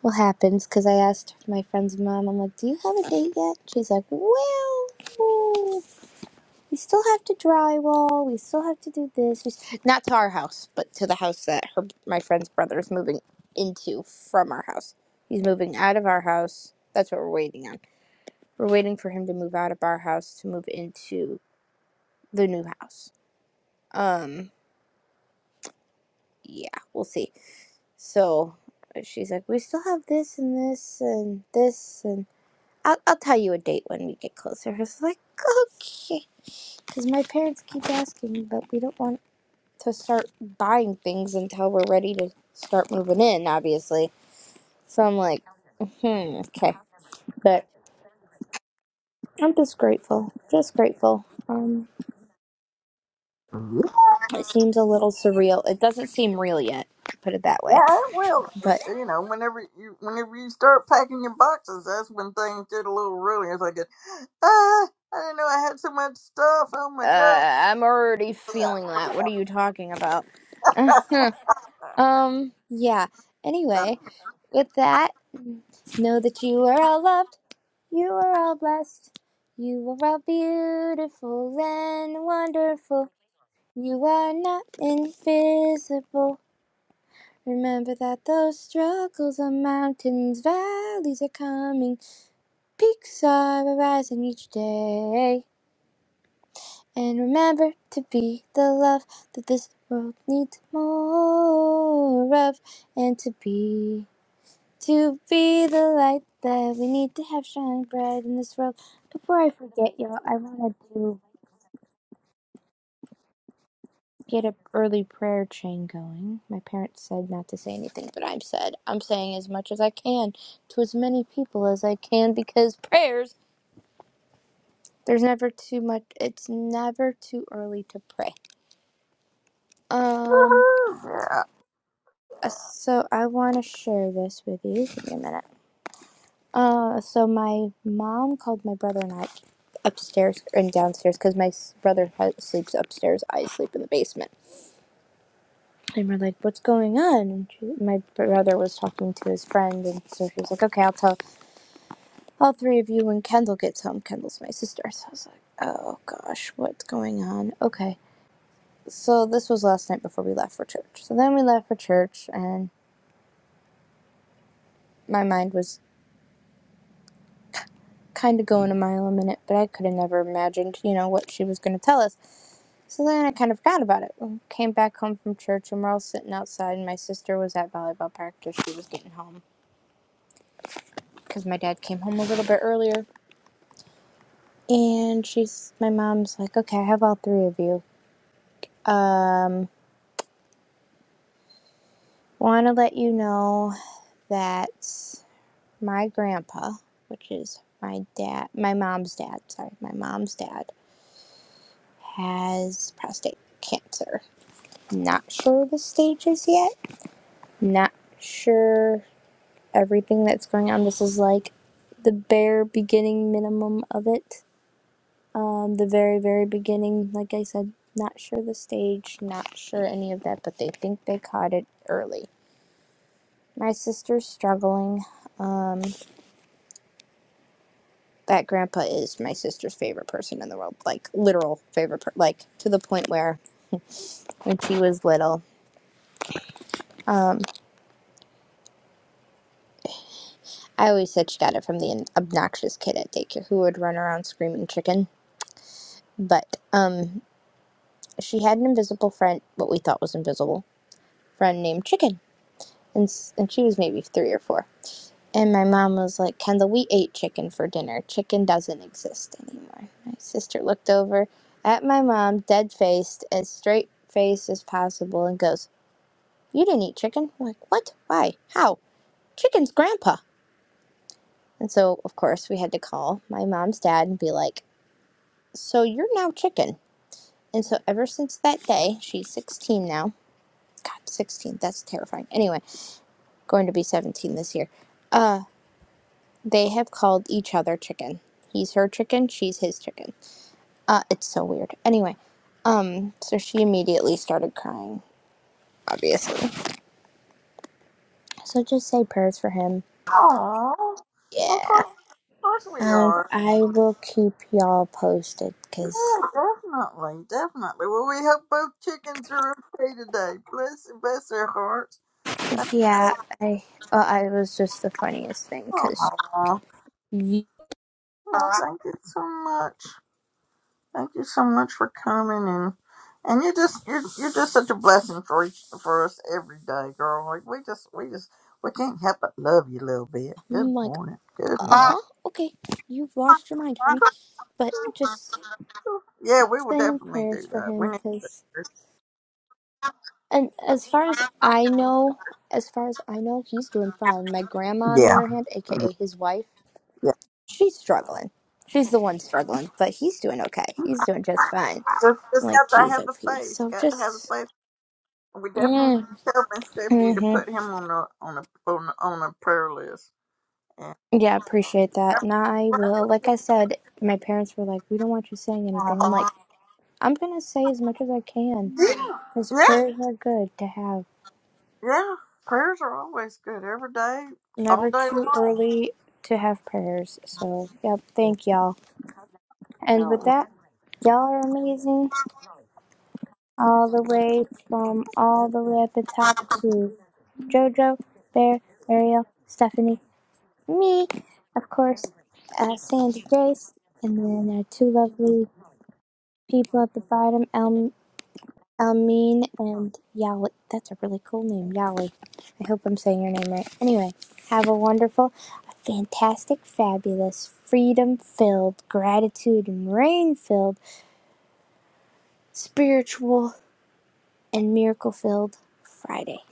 S3: what happens. Because I asked my friend's mom, I'm like, "Do you have a date yet?" She's like, "Well, ooh, we still have to drywall. We still have to do this. We s- Not to our house, but to the house that her my friend's brother is moving into from our house. He's moving out of our house. That's what we're waiting on. We're waiting for him to move out of our house to move into the new house. Um, yeah, we'll see. So uh, she's like, we still have this and this and this and I'll, I'll tell you a date when we get closer. I was like, okay, because my parents keep asking, but we don't want to start buying things until we're ready to start moving in, obviously. So I'm like, hmm, okay, but I'm just grateful, just grateful. Um,
S1: Yeah,
S3: it seems a little surreal. It doesn't seem real yet, put it that way,
S1: it will.
S3: but
S1: You know, whenever you whenever you start packing your boxes, that's when things get a little really. It's like, ah, I didn't know I had so much stuff. Oh my
S3: Uh,
S1: god.
S3: I'm already
S1: Yeah.
S3: feeling that. What are you talking about? um, yeah.
S1: Uh,
S3: Anyway, with that, know that you are all loved, you are all blessed, you are all beautiful and wonderful. You are not invisible. Remember that those struggles are mountains, valleys are coming, peaks are arising each day. And remember to be the love that this world needs more of. And to be, to be the light that we need to have shine bright in this world. Before I forget, y'all, I want to do get a early prayer chain going. My parents said not to say anything, but I'm said I'm saying as much as I can to as many people as I can because prayers. There's never too much. It's never too early to pray. Um.
S1: woohoo, yeah.
S3: Uh, So I want to share this with you. Give me a minute. Uh, so my mom called my brother and I upstairs and downstairs because my brother sleeps upstairs. I sleep in the basement. And we're like, "What's going on?" And she, my brother was talking to his friend, and so she was like, "Okay, I'll tell all three of you when Kendall gets home." Kendall's my sister, so I was like, "Oh gosh, what's going on?" Okay. So this was last night before we left for church. So then we left for church, and my mind was kind of going a mile a minute, but I could have never imagined, you know, what she was going to tell us. So then I kind of forgot about it. We Came back home from church and we're all sitting outside, and my sister was at volleyball practice. She was getting home because my dad came home a little bit earlier. And she's, my mom's like, okay, I have all three of you. Um, want to let you know that my grandpa, which is my dad, my mom's dad, sorry, my mom's dad, has prostate cancer not sure the stages yet Not sure everything that's going on. This is like the bare beginning minimum of it. Um, the very, very beginning, like I said, not sure the stage, not sure any of that, but they think they caught it early. My sister's struggling. Um, that grandpa is my sister's favorite person in the world, like literal favorite, per- like to the point where when she was little, um, I always said she got it from the obnoxious kid at daycare who would run around screaming chicken. But um, She had an invisible friend, what we thought was invisible friend named Chicken, and and she was maybe three or four. And my mom was like, "Kendall, we ate chicken for dinner. Chicken doesn't exist anymore." My sister looked over at my mom, dead faced, as straight faced as possible, and goes, "You didn't eat chicken?" I'm like, "What? Why? How? Chicken's grandpa." And so, of course, we had to call my mom's dad and be like, "So you're now chicken." And so, ever since that day, she's 16 now. God, 16, that's terrifying. Anyway, going to be 17 this year. Uh, they have called each other chicken. He's her chicken, she's his chicken. Uh, it's so weird. Anyway, um, so she immediately started crying, obviously. So just say prayers for him.
S1: Aww. Of
S3: Yeah.
S1: course, of course we
S3: And
S1: are.
S3: I will keep y'all posted because,
S1: Yeah, definitely, definitely. Well, we hope both chickens are okay today. Bless, bless their hearts. That's,
S3: yeah, I, uh, I was just the funniest thing
S1: oh,
S3: because
S1: aw.
S3: I'm
S1: Well, thank you so much. Thank you so much for coming and and you're just you're you're just such a blessing for each for us every day, girl. Like we just we just we can't help but love you a little bit. Good
S3: like,
S1: morning. Good
S3: uh
S1: morning.
S3: huh, okay, you've lost your mind, honey. But just
S1: Yeah, we will
S3: saying
S1: definitely do
S3: prayers for
S1: that. We
S3: him
S1: need to
S3: because. And as far as I know, as far as I know, he's doing fine. My grandma, on the
S1: Yeah.
S3: other hand, aka
S1: Yeah.
S3: his wife, she's struggling. She's the one struggling, but he's doing okay. He's doing just fine.
S1: Just
S3: I'm
S1: just
S3: like,
S1: got to
S3: geez,
S1: have
S3: oh,
S1: the
S3: Pete.
S1: faith.
S3: So
S1: Got to have the
S3: just,
S1: faith. We definitely
S3: mm,
S1: need to tell Miss Stephanie to
S3: hmm
S1: put him on a on a on a, on a prayer list. And
S3: yeah, appreciate that. And I will, like I said, my parents were like, we don't want you saying anything. I'm like, I'm gonna say as much as I can
S1: yeah.
S3: because
S1: Yeah.
S3: prayers are good to have.
S1: Yeah, prayers are always good every day, all
S3: Never
S1: day
S3: too
S1: long.
S3: early to have prayers. So, yep,
S1: Yeah,
S3: thank y'all. And with
S1: well,
S3: that, y'all are amazing. All the way from all the way at the top to JoJo, Bear, Ariel, Stephanie, me, of course, uh, Sandy Grace, and then our two lovely people at the bottom, El- Elmine and Yali. That's a really cool name, Yali. I hope I'm saying your name right. Anyway, have a wonderful, fantastic, fabulous, freedom filled, gratitude and rain filled spiritual and Miracle Filled Friday.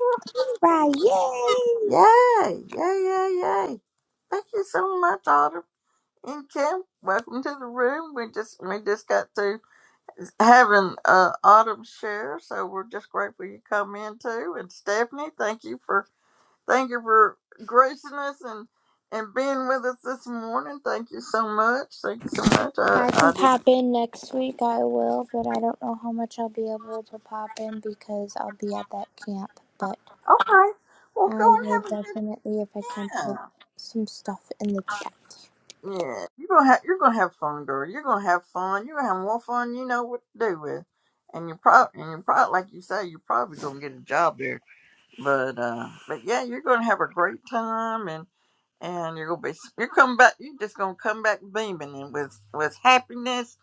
S3: Friday!
S1: Yay! Yay! Yay! Yay! Thank you so much, Autumn and Kim. Welcome to the room. We just we just got to having uh, Autumn share, so we're just grateful you come in too. And Stephanie, thank you for thank you for gracing us and and being with us this morning. Thank you so much. Thank you so much.
S3: If
S1: I
S3: I
S1: I
S3: can
S1: did
S3: pop in next week, I will, but I don't know how much I'll be able to pop in because I'll be at that camp. But
S1: okay. Well,
S3: I
S1: go
S3: will
S1: and have
S3: definitely, if I can,
S1: a good.
S3: put some stuff in the chat.
S1: Yeah, you're gonna have you're gonna have fun, girl. You're gonna have fun. You're gonna have more fun. You know what to do with, and you're probably and you're probably like you say, you're probably gonna get a job there. But uh, but yeah, you're gonna have a great time, and and you're gonna be you're coming back. You're just gonna come back beaming and with with happiness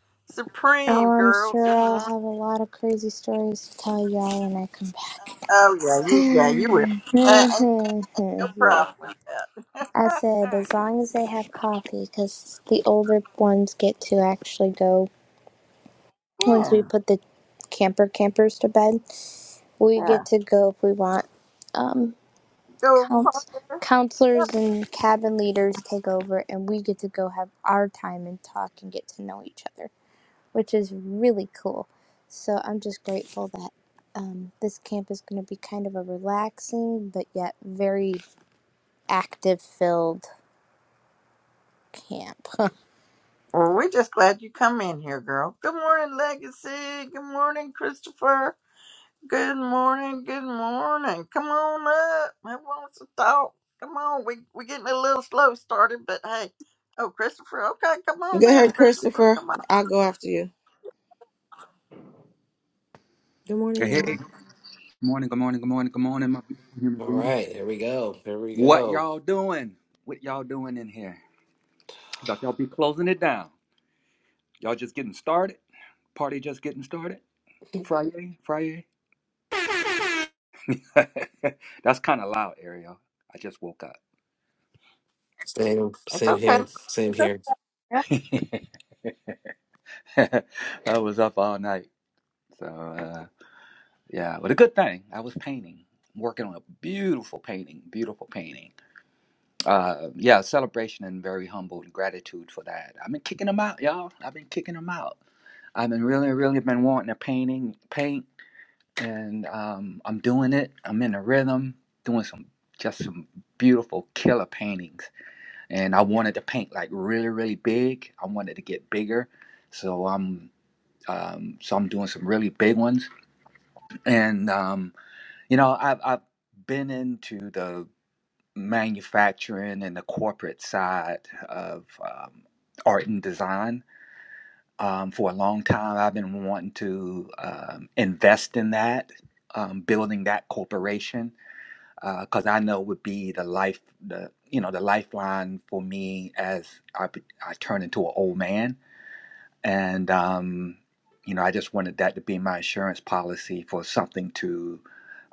S3: Oh,
S1: supreme,
S3: I'm
S1: girl. Good
S3: sure I'll
S1: morning.
S3: have a lot of crazy stories to tell y'all when I come
S1: Oh yeah, you, yeah, you will. Uh, ain't no
S3: back. yeah.
S1: problem with that.
S3: I
S1: All
S3: said,
S1: right.
S3: as long as they have coffee, because the older ones get to actually go once we
S1: Yeah,
S3: put the camper campers to bed, we
S1: yeah.
S3: get to go if we want. Um,
S1: Go
S3: counts
S1: party.
S3: counselors and cabin leaders take over, and we get to go have our time and talk and get to know each other, which is really cool. So I'm just grateful that um, this camp is going to be kind of a relaxing but yet very active filled camp.
S1: Well, we're just glad you come in here, girl. Good morning, Legacy. Good morning, Christopher. Good morning. Good morning. Come on up. Who wants to talk? Come on. We we getting a little slow started, but hey. Oh, Christopher. Okay, come
S6: Go
S1: on up,
S6: ahead,
S1: Christopher.
S6: Christopher.
S1: Come on.
S6: I'll go after you. Good morning,
S7: Hey, hey.
S6: y'all.
S7: Good morning, good morning, good morning, good morning, my beautiful human
S5: All
S7: beings.
S5: right, here we go. Here we
S7: What
S5: go.
S7: y'all doing? What y'all doing in here? Y'all, y'all be closing it down. Y'all just getting started? Party just getting started? Friday? Friday? That's kind of loud, Ariel. I just woke up.
S5: Same,
S1: It's
S5: same
S1: okay.
S5: here. Same here.
S7: I was up all night. So, uh, yeah, but a good thing. I was painting, working on a beautiful painting, beautiful painting. uh yeah celebration and very humble and gratitude for that i've been kicking them out y'all i've been kicking them out i've been really really been wanting to painting paint and um i'm doing it i'm in a rhythm doing some just some beautiful killer paintings and i wanted to paint like really really big i wanted to get bigger so i'm um so i'm doing some really big ones and um you know i've i've been into the manufacturing and the corporate side of um, art and design. Um, for a long time, I've been wanting to um, invest in that, um, building that corporation, because I know would be the life, the you know, the lifeline for me as I, be- I turn into an old man, and um, you know, I just wanted that to be my insurance policy for something to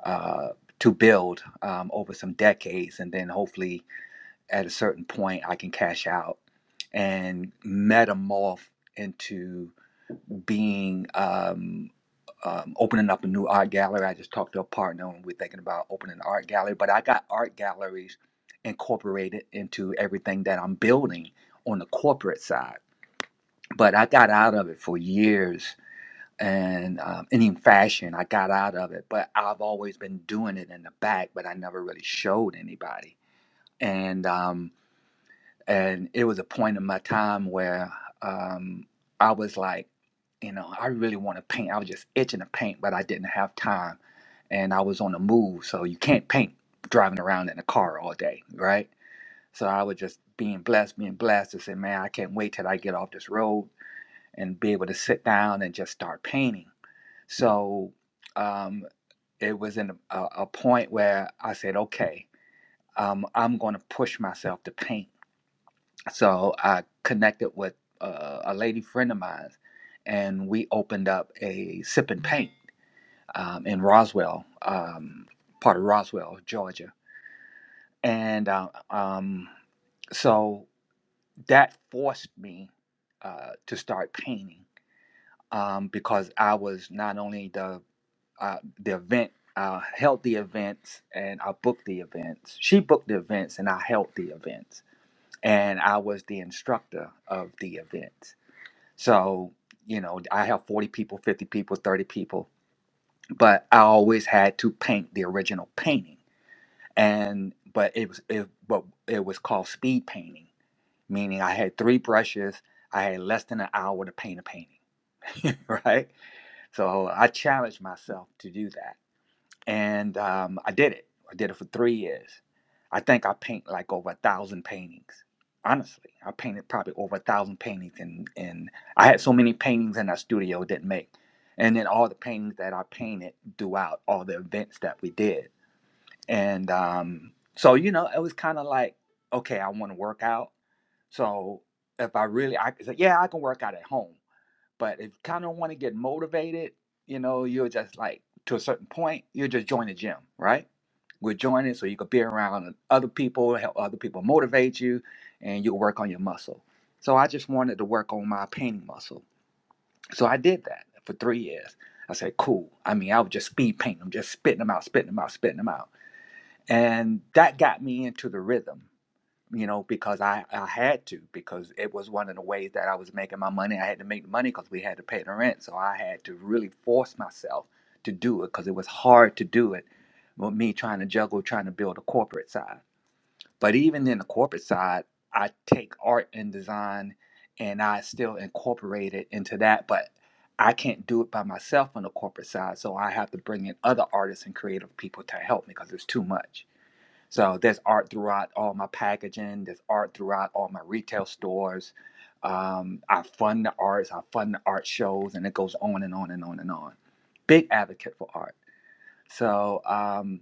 S7: uh, to build um, over some decades, and then hopefully at a certain point I can cash out and metamorph into being um, um, opening up a new art gallery. I just talked to a partner and we're thinking about opening an art gallery, but I got art galleries incorporated into everything that I'm building on the corporate side. But I got out of it for years and, um, and in fashion, I got out of it, but I've always been doing it in the back, but I never really showed anybody. And, um, and it was a point in my time where um, I was like, you know, I really want to paint. I was just itching to paint, but I didn't have time, and I was on the move, so you can't paint driving around in a car all day, right? So I was just being blessed, being blessed, and say, man, I can't wait till I get off this road and be able to sit down and just start painting. So um, it was in a, a a point where I said, okay, um, I'm going to push myself to paint so I connected with uh, a lady friend of mine, and we opened up a sip and paint um, in Roswell, um, part of Roswell, Georgia. And uh, um, so that forced me uh, to start painting um, because I was not only the uh, the event. I held the events and I booked the events. She booked the events and I held the events. And I was the instructor of the events So, you know, I have 40 people, 50 people, 30 people, but I always had to paint the original painting. And but it was it but it was called speed painting, meaning I had three brushes, I had less than an hour to paint a painting, right? So I challenged myself to do that and um, I did it. I did it for three years. I think I paint like over a thousand paintings. Honestly, I painted probably over a thousand paintings, and and I had so many paintings in our studio it didn't make, and then all the paintings that I painted throughout all the events that we did, and um, so you know it was kind of like okay, I want to work out, so if I really I could say yeah I can work out at home, but if you kind of want to get motivated, you know, you're just like to a certain point, you just join the gym, right? We're joining so you could be around other people, help other people motivate you, and you will work on your muscle. So I just wanted to work on my painting muscle. So I did that for three years. I said, cool. I mean, I would just speed paint them, just spitting them out, spitting them out, spitting them out. And that got me into the rhythm you know, because I, I had to, because it was one of the ways that I was making my money. I had to make the money because we had to pay the rent. So I had to really force myself to do it because it was hard to do it with me trying to juggle, trying to build a corporate side. But even in the corporate side, I take art and design and I still incorporate it into that. But I can't do it by myself on the corporate side. So I have to bring in other artists and creative people to help me because it's too much. So there's art throughout all my packaging. There's art throughout all my retail stores. Um, I fund the arts. I fund the art shows, and it goes on and on and on and on. Big advocate for art. So, um,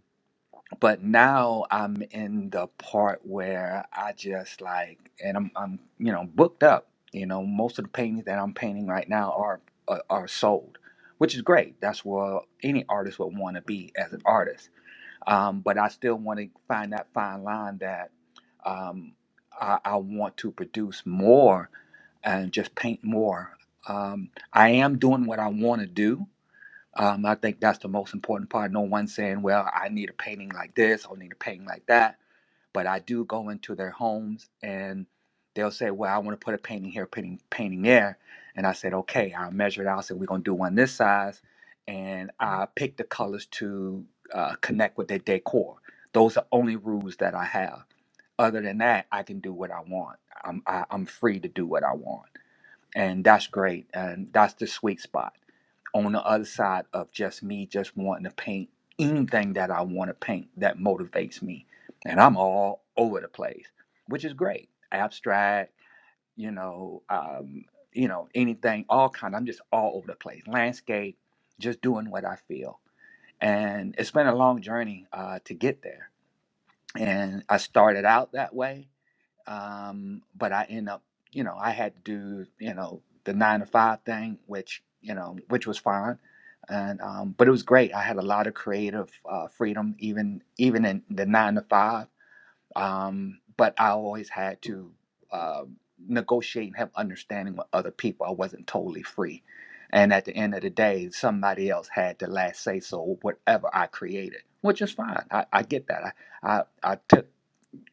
S7: but now I'm in the part where I just like, and I'm, I'm, you know, booked up. You know, most of the paintings that I'm painting right now are are, are sold, which is great. That's where any artist would want to be as an artist um, but I still want to find that fine line that um, I, I want to produce more and just paint more. Um, I am doing what I want to do. Um, I think that's the most important part. No one saying, "Well, I need a painting like this," or "I need a painting like that." but I do go into their homes and they'll say, "Well, I want to put a painting here, painting painting there," and I said, "Okay, I'll measure it out. I said we're gonna do one this size," and I pick the colors to uh, connect with their decor. Those are only rules that I have. Other than that, I can do what I want. I'm I, I'm free to do what I want, and that's great. And that's the sweet spot on the other side of just me just wanting to paint anything that I want to paint that motivates me. And I'm all over the place, which is great. Abstract, you know, um, you know, anything, all kind. I'm just all over the place. Landscape, just doing what I feel. And it's been a long journey uh, to get there. And I started out that way um, but I end up, you know, I had to do, you know, the nine to five thing, which, you know, which was fine. And um, but it was great. I had a lot of creative uh, freedom, even even in the nine to five. Um, but I always had to uh, negotiate and have understanding with other people. I wasn't totally free. And at the end of the day, somebody else had the last say so whatever I created, which is fine. I, I get that. I, I, I took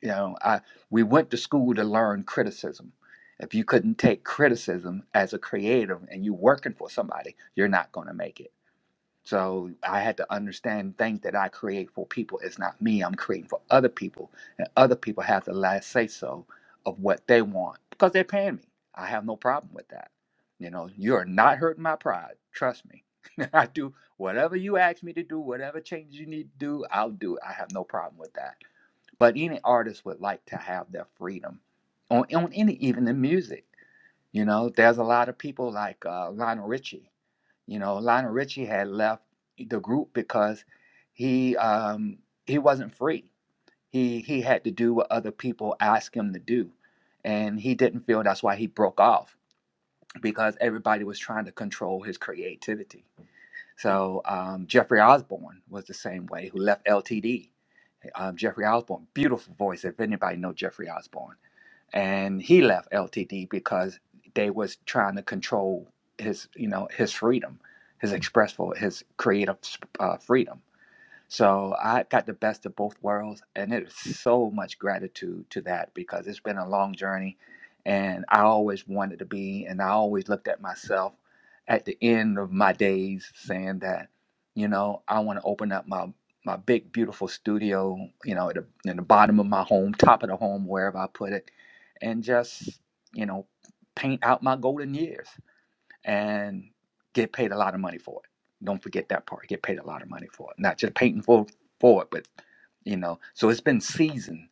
S7: you know, I we went to school to learn criticism. If you couldn't take criticism as a creative and you working for somebody, you're not going to make it. So I had to understand things that I create for people It's not me. I'm creating for other people, and other people have the last say so of what they want because they're paying me. I have no problem with that. You know, you are not hurting my pride. Trust me. I do whatever you ask me to do, whatever changes you need to do, I'll do it. I have no problem with that but any artist would like to have their freedom on, on any even in music you know there's a lot of people like uh, lionel richie you know lionel richie had left the group because he um, he wasn't free he he had to do what other people asked him to do and he didn't feel that's why he broke off because everybody was trying to control his creativity so um, jeffrey osborne was the same way who left ltd um, Jeffrey Osborne, beautiful voice. If anybody know Jeffrey Osborne, and he left LTD because they was trying to control his, you know, his freedom, his express, his creative uh, freedom so I got the best of both worlds, and it is so much gratitude to that because it's been a long journey, and I always wanted to be, and I always looked at myself at the end of my days saying that, you know, I want to open up my my big beautiful studio, you know, at the, in the bottom of my home, top of the home, wherever I put it, and just you know paint out my golden years and get paid a lot of money for it. Don't forget that part. Get paid a lot of money for it. Not just paying for for it, but you know. So it's been seasoned.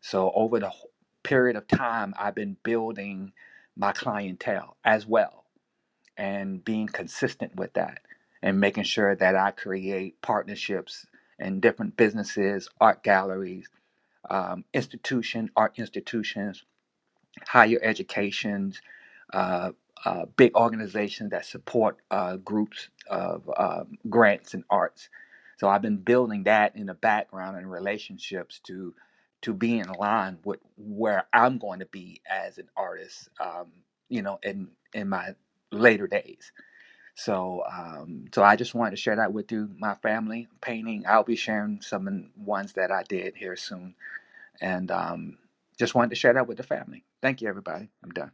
S7: So over the period of time, I've been building my clientele as well, and being consistent with that, and making sure that I create partnerships in different businesses, art galleries, um, institution, art institutions higher educations, uh, uh, big organizations that support uh, groups of uh, grants and arts. So I've been building that in the background and relationships to to be in line with where I'm going to be as an artist, um, you know, in in my later days. So um, so I just wanted to share that with you, my family painting. I'll be sharing some ones that I did here soon and um, just wanted to share that with the family. Thank you, everybody. I'm done.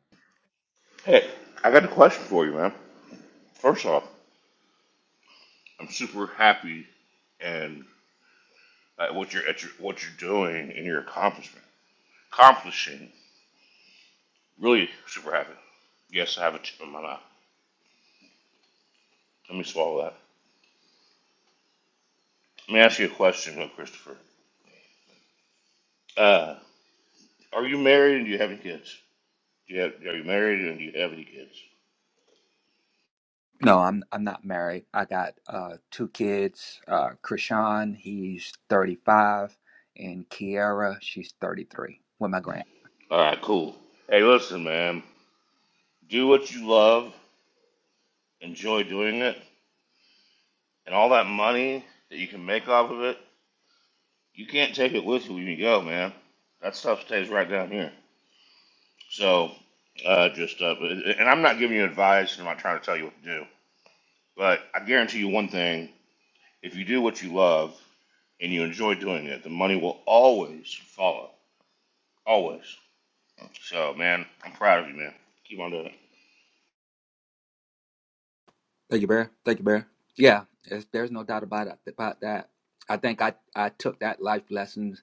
S2: hey, I got a question for you, man. First off, I'm super happy and at what you're at your, what you're doing and your accomplishment accomplishing. Really super happy. Yes, I have a chip in my mouth. Let me swallow that. Let me ask you a question, though, Christopher. Uh, are you married and do you have any kids? Do you have, are you married and do you have any kids?
S7: No, I'm I'm not married. I got uh, two kids. Uh, Krishan, he's 35, and Kiara, she's 33. With my grand.
S2: All right, cool. Hey, listen, man. Do what you love. Enjoy doing it And all that money that you can make off of it, you can't take it with you when you go, man. That stuff stays right down here. So, uh, just, uh, and I'm not giving you advice and I'm not trying to tell you what to do, but I guarantee you one thing if you do what you love and you enjoy doing it, the money will always follow. Always. So, man, I'm proud of you, man. Keep on doing it.
S7: Thank you, Bear. Thank you, Bear. Yeah, there's, there's no doubt about it, about that. I think I I took that life lessons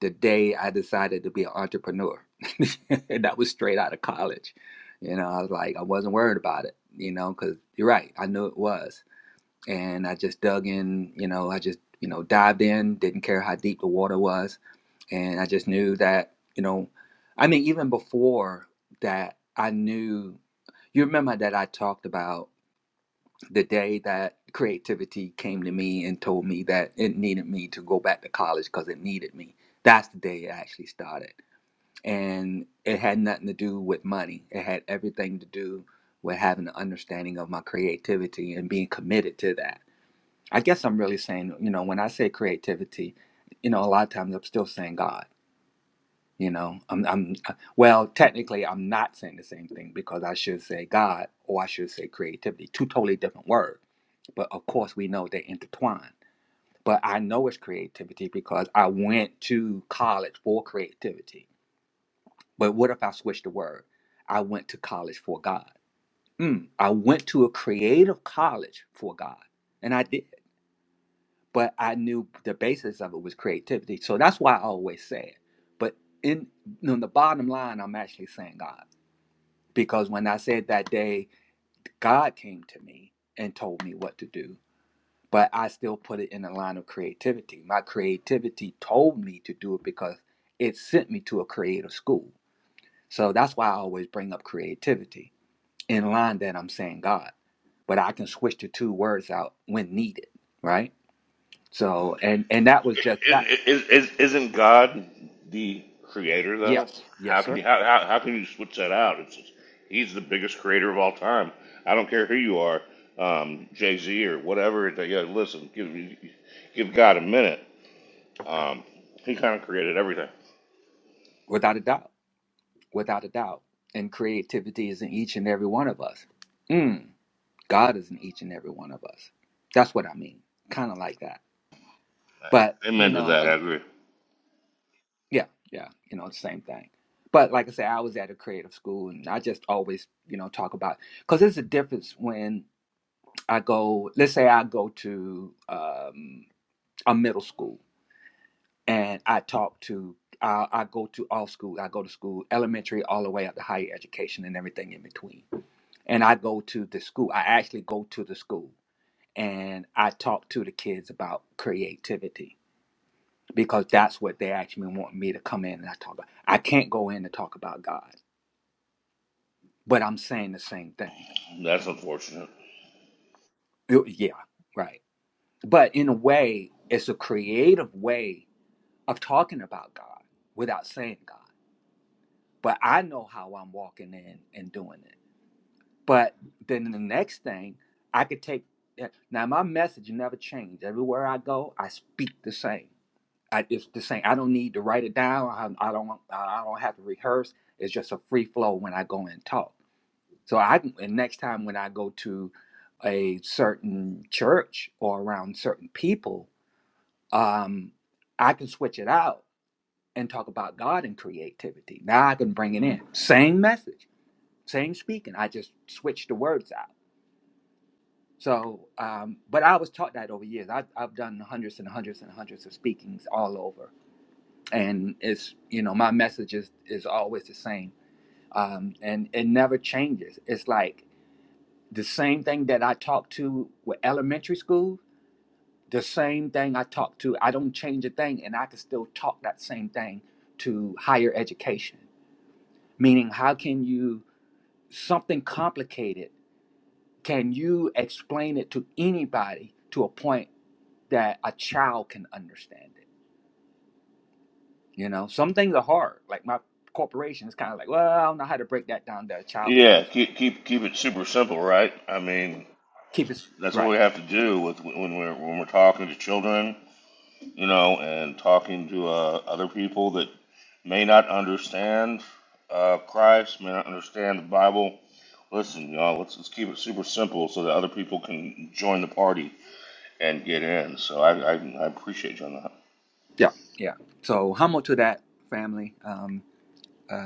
S7: the day I decided to be an entrepreneur. and that was straight out of college. You know, I was like, I wasn't worried about it. You know, because you're right. I knew it was. and I just dug in. You know, I just you know dived in. Didn't care how deep the water was, and I just knew that you know, I mean, even before that, I knew. You remember that I talked about the day that creativity came to me and told me that it needed me to go back to college because it needed me. That's the day it actually started, and it had nothing to do with money. It had everything to do with having an understanding of my creativity and being committed to that I guess I'm really saying, you know, when I say creativity, you know, a lot of times I'm still saying God. You know, I'm, I'm, uh, well, technically, I'm not saying the same thing because I should say God or I should say creativity. Two totally different words. But of course, we know they intertwine. But I know it's creativity because I went to college for creativity. But what if I switch the word? I went to college for God. Mm, I went to a creative college for God. and I did. but I knew the basis of it was creativity. So that's why I always say it. But in on the bottom line, I'm actually saying God. Because when I said that day, God came to me and told me what to do. But I still put it in the line of creativity. My creativity told me to do it because it sent me to a creative school. So that's why I always bring up creativity in line that I'm saying God. But I can switch the two words out when needed, right? So and and that was just that
S2: is, is, isn't God the creator though?
S7: Yes, yes,
S2: How
S7: sir.
S2: can you how, how, how can you switch that out? It's just, he's the biggest creator of all time. I don't care who you are, um, Jay Z or whatever. it- Yeah, listen, give give God a minute. Um, he kind of created everything.
S7: Without a doubt. Without a doubt. And creativity is in each and every one of us. Mm, God is in each and every one of us. That's what I mean. Kind of like that. But, you
S2: Amen to
S7: know,
S2: that.
S7: uh,
S2: I agree.
S7: yeah, yeah, you know, the same thing. But like I said, I was at a creative school and I just always, you know, talk about, because there's a difference when I go, let's say I go to um, a middle school and I talk to I, I go to all school. I go to school, elementary all the way up to higher education and everything in between. And I go to the school. I actually go to the school and I talk to the kids about creativity because that's what they actually want me to come in and I talk about. I can't go in and talk about God, but I'm saying the same thing.
S2: That's unfortunate.
S7: Yo- Yeah, right. But in a way, it's a creative way of talking about God without saying God. But I know how I'm walking in and doing it But then the next thing, I could take eh, now my message never changed. Everywhere I go, I speak the same. I, it's the same. I don't need to write it down. I, I don't. I don't have to rehearse. It's just a free flow when I go and talk. So I can. And next time when I go to a certain church or around certain people, um, I can switch it out and talk about God and creativity. Now I can bring it in. Same message, same speaking. I just switch the words out So, um, but I was taught that over years. I've, I've done hundreds and hundreds and hundreds of speakings all over, and it's you know my message is is always the same, um, and it never changes. It's like the same thing that I talk to with elementary school, the same thing I talk to. I don't change a thing, and I can still talk that same thing to higher education. Meaning, how can you something complicated? Can you explain it to anybody to a point? that a child can understand it. You know, some things are hard. Like my corporation is kind of like, well, I don't know how to break that down that a child can
S2: Yeah,
S7: understand
S2: keep
S7: it.
S2: keep keep it super simple, right? I mean,
S7: Keep it
S2: that's what we
S7: right.
S2: have to do with when we're when we're talking to children, you know, and talking to uh, other people that may not understand uh, Christ, may not understand the Bible. Listen, y'all, let's, let's keep it super simple so that other people can join the party and get in. So I, I, I appreciate you on that.
S7: Yeah, yeah. So humble to that family. Um, uh,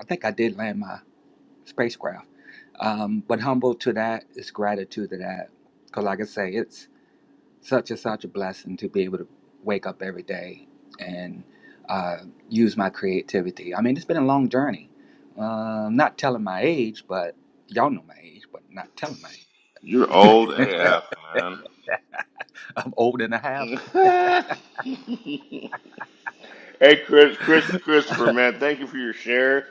S7: I think I did land my spacecraft, um, but humble to that is gratitude to that. Because like I say, it's such and such a blessing to be able to wake up every day and uh, use my creativity. I mean, it's been a long journey. Um, not telling my age, but y'all know my age, but not telling my
S2: You're old
S7: age.
S2: AF, man.
S7: I'm old and a half.
S2: hey, Chris, Chris, Christopher, man, thank you for your share.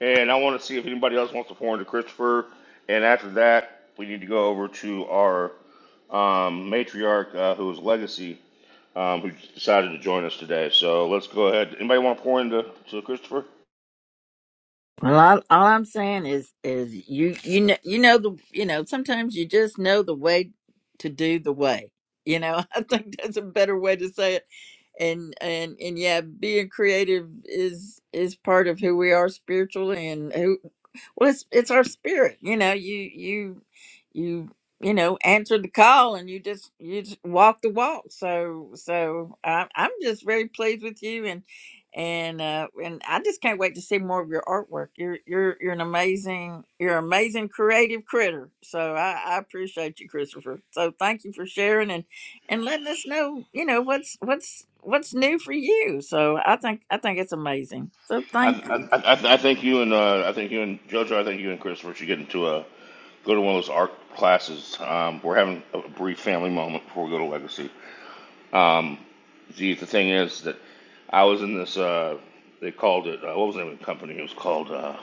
S2: And I want to see if anybody else wants to pour into Christopher. And after that, we need to go over to our um, matriarch, uh, who is Legacy. um, who decided to join us today. So let's go ahead. Anybody want to pour into to Christopher?
S1: Well, all, all I'm saying is, is you you know you know the you know sometimes you just know the way to do the way. You know, I think that's a better way to say it. And and and yeah, being creative is is part of who we are spiritually, and who well, it's it's our spirit. You know, you you you you know answered the call, and you just you just walk the walk. So so I'm I'm just very pleased with you, and and uh, and I just can't wait to see more of your artwork. You're you're you're an amazing you're an amazing creative critter. So I, I appreciate you, Christopher. So thank you for sharing and and letting us know you know what's what's what's new for you. So I think I think it's amazing. So
S2: I,
S1: thank you.
S2: I, I, I think you and uh, I think you and JoJo. I think you and Christopher should get into a go to one of those art classes. Um, we're having a brief family moment before we go to Legacy. Um, the, the thing is that I was in this. Uh, they called it. Uh, what was the name of the company? It was called. Uh,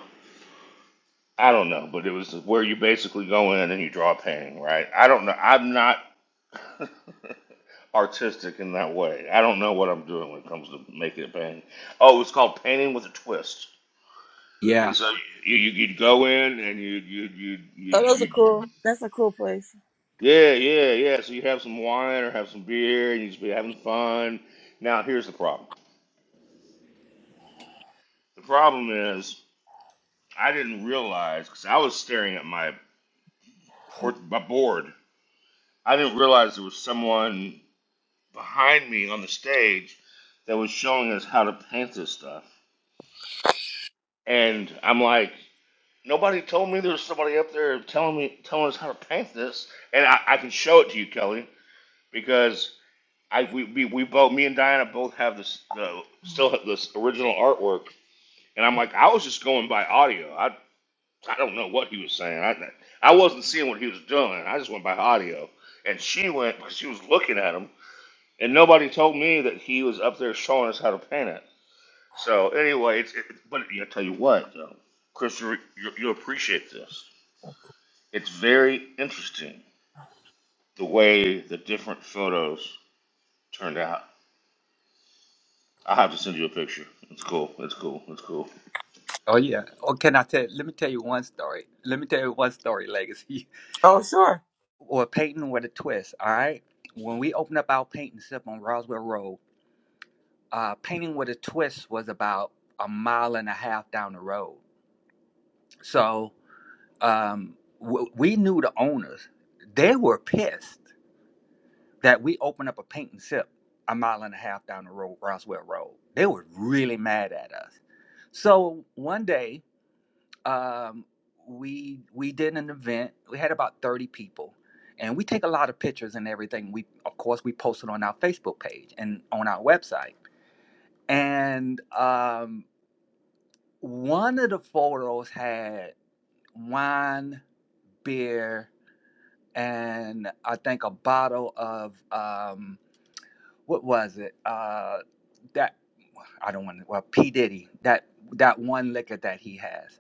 S2: I don't know, but it was where you basically go in and you draw a painting, right? I don't know. I'm not artistic in that way. I don't know what I'm doing when it comes to making a painting. Oh, it's called painting with a twist. And
S7: Yeah.
S2: so you, you you'd go in and you you you you
S6: Oh, those are
S2: you
S6: cool. That's a cool place.
S2: yeah yeah yeah. So you have some wine or have some beer and you just be having fun. Now here's the problem. The problem is I didn't realize because I was staring at my port my board. I didn't realize there was someone behind me on the stage that was showing us how to paint this stuff. And I'm like, Nobody told me there was somebody up there telling me telling us how to paint this, and I, I can show it to you, Kelly, because I we, we, we both me and Diana both have this the still have this original artwork, and I'm like I was just going by audio. I I don't know what he was saying. I I wasn't seeing what he was doing. I just went by audio, and she went because she was looking at him, and nobody told me that he was up there showing us how to paint it. So anyway, it's, it, but I tell you what, though, Chris, you you you'll appreciate this It's very interesting the way the different photos turned out. I'll have to send you a picture. It's cool. It's cool. It's cool.
S7: Oh yeah. Or can I tell? Let me tell you one story. Let me tell you one story. Legacy
S6: Oh, sure.
S7: or painting with a twist. All right. When we opened up our painting sip on Roswell Road, uh, painting with a twist was about a mile and a half down the road. So um, w- we knew the owners. They were pissed that we opened up a paint and sip a mile and a half down the road, Roswell Road. They were really mad at us. So one day, um, we we did an event. We had about thirty people, and we take a lot of pictures and everything. We of course we posted on our Facebook page and on our website. And um, one of the photos had wine, beer, and I think a bottle of um, what was it? Uh, that I don't want to. Well, P Diddy, that that one liquor that he has,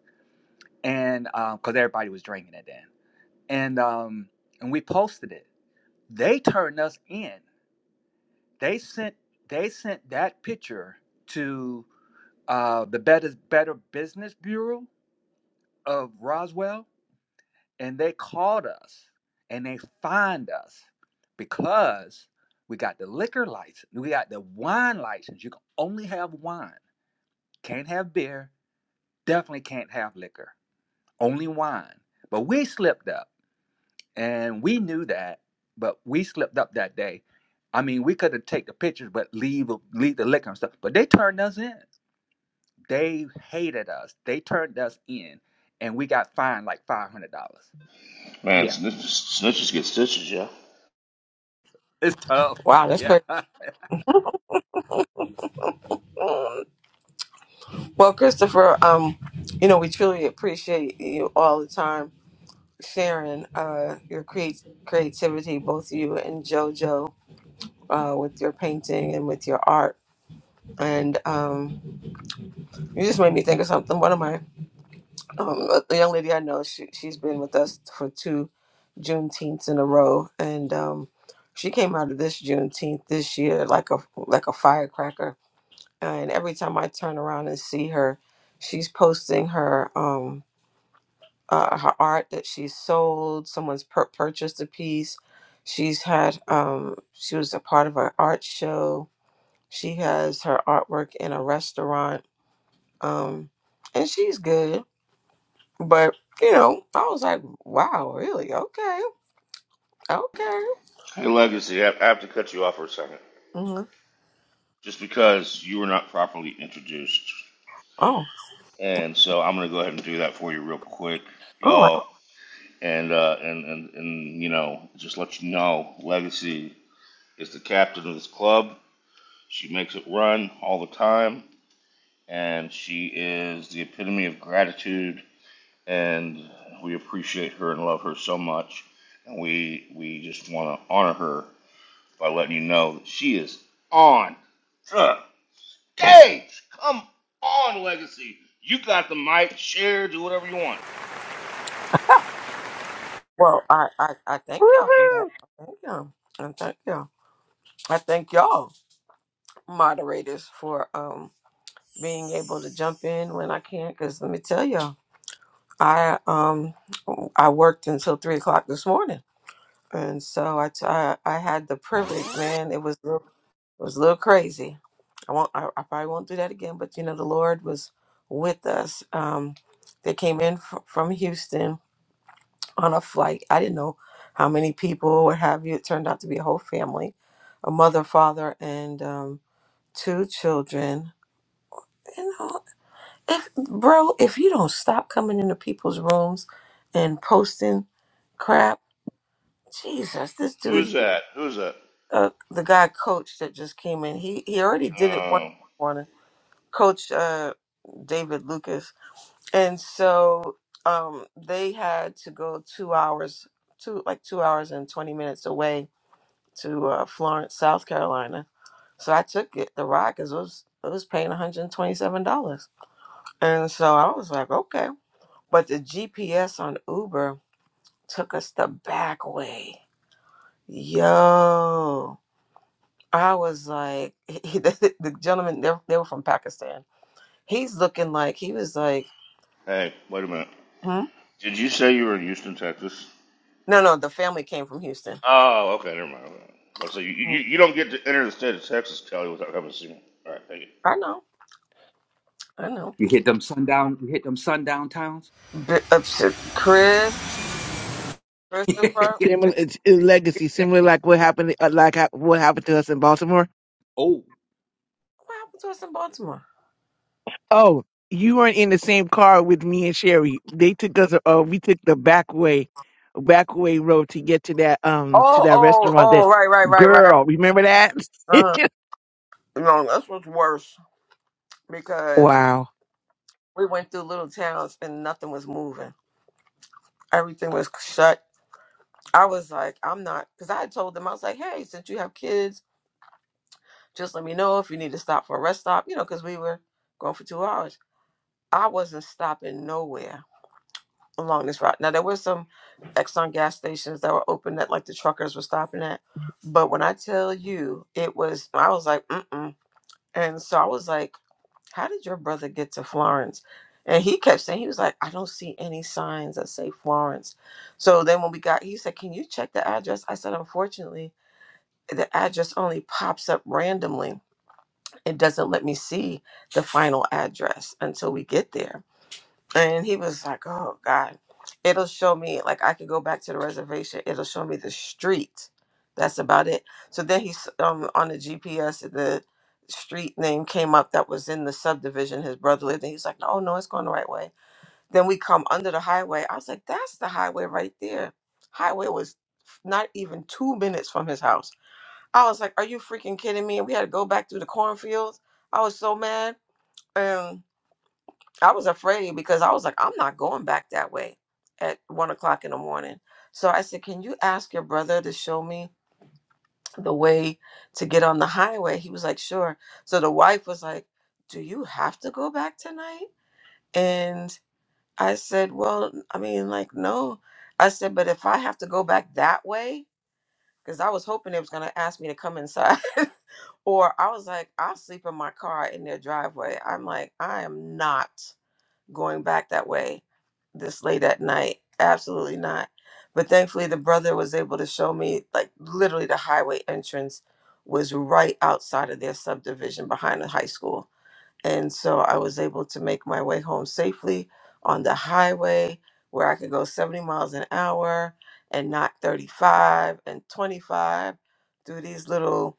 S7: and because everybody was drinking it then, and um, and we posted it. They turned us in. They sent they sent that picture to uh, the Better Better Business Bureau of Roswell, and they caught us and they fined us because we got the liquor license, we got the wine license. You can only have wine, can't have beer, definitely can't have liquor, only wine. But we slipped up and we knew that, but we slipped up that day. I mean, we could have taken the pictures, but leave leave the liquor and stuff. But they turned us in. They hated us. They turned us in, and we got fined like five hundred dollars.
S2: Man,
S7: Yeah,
S2: snitches, snitches get stitches, yeah.
S7: it's tough.
S6: Wow, that's
S7: Yeah.
S6: crazy. Um, Well, Christopher, um, you know, we truly appreciate you all the time sharing uh, your creat- creativity, both you and JoJo, uh, with your painting and with your art. And um, you just made me think of something. What am I? Um, the young lady I know, she, she's been with us for two Juneteenths in a row, and um, she came out of this Juneteenth this year like a like a firecracker. And every time I turn around and see her, she's posting her um uh, her art that she's sold. Someone's pur- purchased a piece. She's had um she was a part of an art show. She has her artwork in a restaurant. Um, and she's good. But you know, I was like, wow, really? Okay, okay.
S2: Hey, Legacy, I have to cut you off for a second.
S6: hmm
S2: Just because you were not properly introduced.
S6: Oh,
S2: And so I'm going to go ahead and do that for you real quick,
S6: all right.
S2: y'all. And, uh, and, and, and, you know, just let you know, Legacy is the captain of this club. She makes it run all the time. And she is the epitome of gratitude and we appreciate her and love her so much. And we we just want to honor her by letting you know that she is on the stage. Come on, Legacy. You got the mic. Share. Do whatever you want.
S6: Well, I, I I thank y'all for that. I Thank y'all. I thank y'all. I thank y'all moderators for um being able to jump in when I can. Because let me tell y'all, I um I worked until three o'clock this morning, and so I t- I I had the privilege, man. It was. It was a little crazy. I won't. I, I probably won't do that again. But you know, the Lord was with us. Um, they came in fr- from Houston on a flight. I didn't know how many people, what have you. It turned out to be a whole family, a mother, father, and um, two children. You know, if bro, if you don't stop coming into people's rooms and posting crap, Jesus, this
S2: Who
S6: dude,
S2: is that? Who is that?
S6: uh, the guy coach that just came in, he he already did it
S2: Oh,
S6: once. Coach uh, David Lucas, and so um, they had to go two hours, two like two hours and twenty minutes away to uh, Florence, South Carolina. So I took it the ride because it was it was paying one hundred twenty seven dollars, and so I was like, okay. But the GPS on Uber took us the back way. Yo, I was like, the, the gentleman they, they were from Pakistan. He's looking like he was like.
S2: hey, wait a minute. Did you say you were in Houston, Texas?
S6: No, no, the family came from Houston.
S2: Oh, okay, never mind. But so you, you you don't get to enter the state of Texas, Kelly, without coming to see me. All right, thank
S6: I know, I know.
S7: You hit them sundown. You hit them sundown towns.
S6: B- uh, shit, Chris, Christopher. What
S8: Similar it's, it's legacy, similar like what happened, uh, like ha- what happened to us in Baltimore.
S7: oh,
S6: happened to us in Baltimore?
S8: Oh, you weren't in the same car with me and Sherry. They took us. Uh, we took the back way, back way road to get to that um to
S6: Oh,
S8: that
S6: oh,
S8: restaurant. That
S6: oh, right, right, right, right.
S8: girl, remember that?
S6: Uh-huh. You know, that's what's worse because
S8: Wow,
S6: we went through little towns and nothing was moving. Everything was shut. I was like, I'm not, because I had told them, I was like, hey, since you have kids, just let me know if you need to stop for a rest stop, you know, because we were going for two hours. I wasn't stopping nowhere along this route. Now there were some Exxon gas stations that were open that like the truckers were stopping at, but when I tell you, it was I was like, mm mm, and so I was like, how did your brother get to Florence? And he kept saying he was like, I don't see any signs that say Florence. So then when we got, he said, can you check the address? I said, unfortunately, the address only pops up randomly. It doesn't let me see the final address until we get there. And he was like, "Oh God, it'll show me like I could go back to the reservation. It'll show me the street. That's about it." So then he's um, on the GPS. The street name came up that was in the subdivision his brother lived in. He's like, "No, no, it's going the right way." Then we come under the highway. I was like, "That's the highway right there." Highway was not even two minutes from his house. I was like, "Are you freaking kidding me?" And we had to go back through the cornfields. I was so mad. I was afraid because I was like, I'm not going back that way at one o'clock in the morning. So I said, Can you ask your brother to show me the way to get on the highway? He was like, Sure. So the wife was like, Do you have to go back tonight? And I said, Well, I mean, like, no. I said, But if I have to go back that way, because I was hoping they was going to ask me to come inside. or I was like, I'll sleep in my car in their driveway. I'm like, I am not going back that way this late at night. Absolutely not. But thankfully, the brother was able to show me, like, literally the highway entrance was right outside of their subdivision behind the high school. And so I was able to make my way home safely on the highway where I could go 70 miles an hour and not 35 and 25 through these little.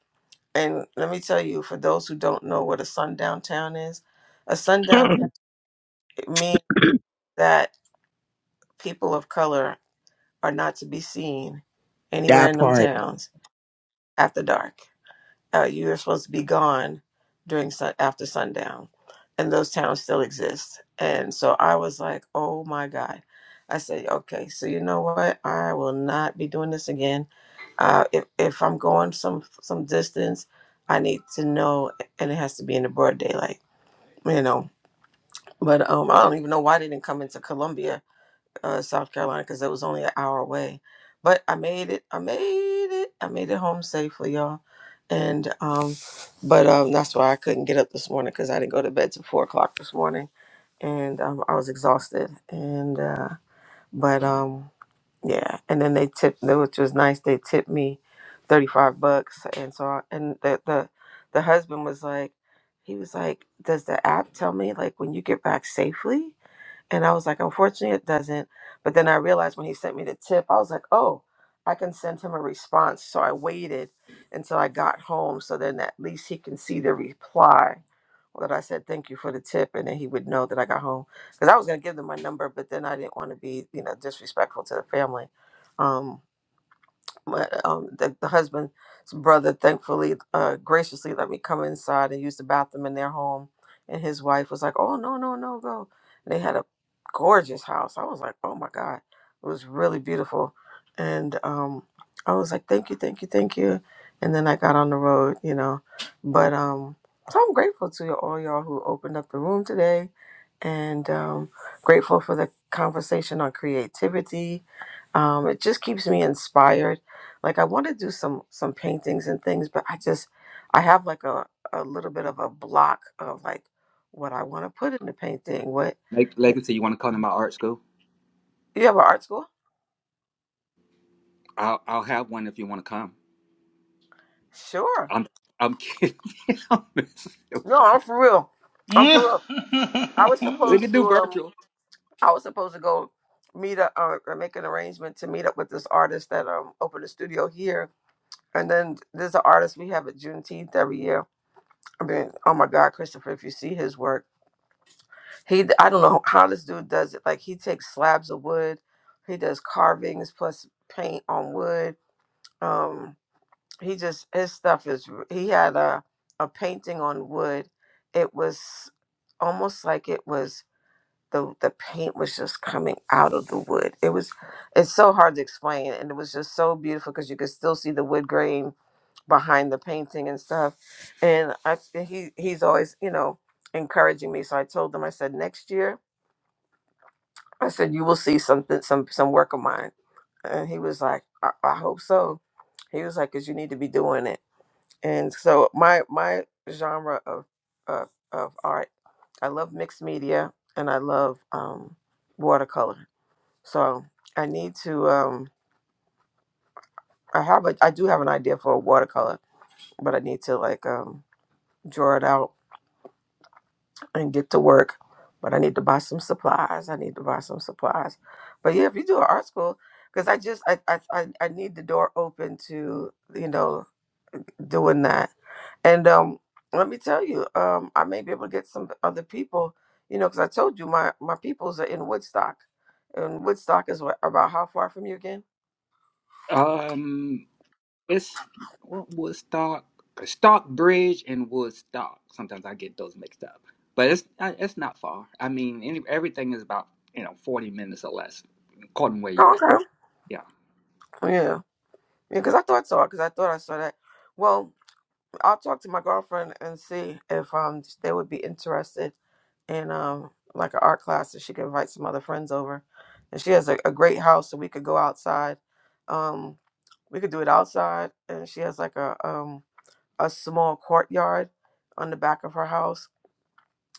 S6: And let me tell you, for those who don't know what a sundown town is, a sundown town
S8: that
S6: means that people of color are not to be seen anywhere in them
S8: part.
S6: towns after dark. Uh, you are supposed to be gone during sun- after sundown, and those towns still exist. And so I was like, "Oh my God!" I said, "Okay, so you know what? I will not be doing this again. Uh, if if I'm going some some distance, I need to know, and it has to be in the broad daylight, you know." But um, I don't even know why they didn't come into Columbia uh, South Carolina because it was only an hour away. But I made it. I made it. I made it home safely, y'all. And um, but um, that's why I couldn't get up this morning because I didn't go to bed till four o'clock this morning, and um, I was exhausted. And uh, but um, yeah. And then they tipped, which was nice. They tipped me thirty five bucks, and so I, and the the the husband was like, he was like, does the app tell me like when you get back safely? And I was like, unfortunately, it doesn't. But then I realized when he sent me the tip, I was like, oh, I can send him a response. So I waited until I got home so then at least he can see the reply that I said, thank you for the tip. And then he would know that I got home. Because I was going to give them my number, but then I didn't want to be, you know, disrespectful to the family. Um, my um the, the husband's brother thankfully uh graciously let me come inside and use the bathroom in their home and his wife was like oh no no no go and they had a gorgeous house i was like oh my god it was really beautiful and um i was like thank you thank you thank you and then i got on the road you know but um so i'm grateful to you all y'all who opened up the room today and um grateful for the conversation on creativity um, it just keeps me inspired like i want to do some some paintings and things but i just i have like a, a little bit of a block of like what i want to put in the painting what
S7: like like I said, you want to come to my art school?
S6: you have an art school
S7: I'll I'll have one if you want to come.
S6: sure
S7: I'm I'm kidding. I'm messing with- you.
S6: no i'm for real i'm for real i was
S2: you.
S7: we can
S6: supposed to
S7: do
S6: um
S7: virtual.
S6: i was supposed to go meet up uh, or make an arrangement to meet up with this artist that um opened a studio here and then there's an artist we have at juneteenth every year i mean oh my god christopher if you see his work He, I don't know how this dude does it. Like he takes slabs of wood, he does carvings plus paint on wood. Um, he just his stuff is. r- He had a a painting on wood. It was almost like it was the the paint was just coming out of the wood. It was it's so hard to explain, and it was just so beautiful because you could still see the wood grain behind the painting and stuff. And I he he's always you know encouraging me. So I told him I said next year I said, "You will see something, some some work of mine." And he was like, "I, I hope so." He was like, "Cause you need to be doing it." And so my my genre of of, of art, I love mixed media and I love um, watercolor. So I need to. Um, I have a I do have an idea for a watercolor, but I need to like um, draw it out and get to work. But I need to buy some supplies. I need to buy some supplies. But yeah, if you do an art school, because I just I, I I I need the door open to you know doing that. And um, let me tell you, um, I may be able to get some other people. You know, because I told you my my peoples are in Woodstock, and Woodstock is what about how far from you again?
S7: Um, it's what Woodstock, Stockbridge, and Woodstock. Sometimes I get those mixed up, but it's uh, it's not far. I mean, any, everything is about you know forty minutes or less, according where you
S6: Oh,
S7: at.
S6: okay.
S7: Yeah,
S6: Yeah, yeah. Because I thought so. Because I thought I saw that. Well, I'll talk to my girlfriend and see if um they would be interested in um like an art class if she could invite some other friends over. And she has a, a great house so we could go outside. Um we could do it outside and she has like a um a small courtyard on the back of her house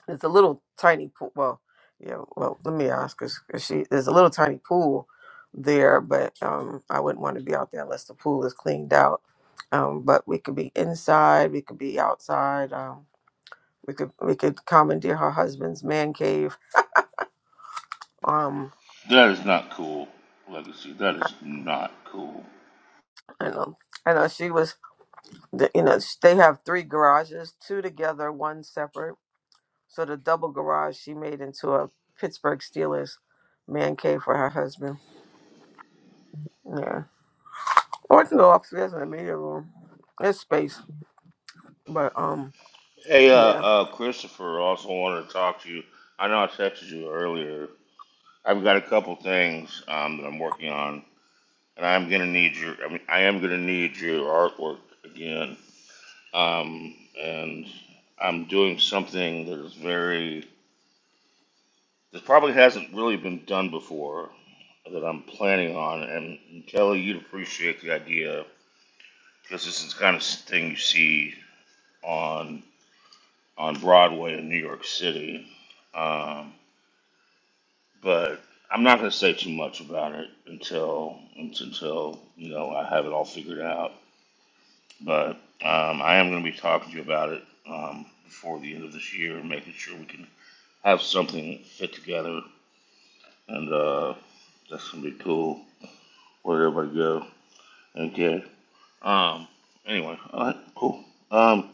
S6: it's a little tiny pool. Well, yeah. Well, let me ask because she there's a little tiny pool there, but um, I wouldn't want to be out there unless the pool is cleaned out. Um, but we could be inside. We could be outside. Um, we could we could commandeer her husband's man cave. Um,
S2: That is not cool, Legacy. That is not cool.
S6: I know. I know she was. the- You know sh- they have three garages, two together, one separate. So the double garage she made into a Pittsburgh Steelers man cave for her husband. Yeah. I want to go upstairs in the media room. There's space, but um,
S2: Hey, uh,
S6: yeah.
S2: uh, Christopher, also wanted to talk to you. I know I texted you earlier. I've got a couple things um, that I'm working on, and I'm gonna need your. I mean, I am gonna need your artwork again. Um, and I'm doing something that is very that probably hasn't really been done before that I'm planning on, and Kelly, you'd appreciate the idea because this is the kind of thing you see on on Broadway in New York City. Um, but I'm not going to say too much about it until until you know I have it all figured out. But um, I am going to be talking to you about it um, before the end of this year, making sure we can have something fit together, and uh, that's going to be cool. Where everybody go and get. Um, anyway, all right, cool. Um,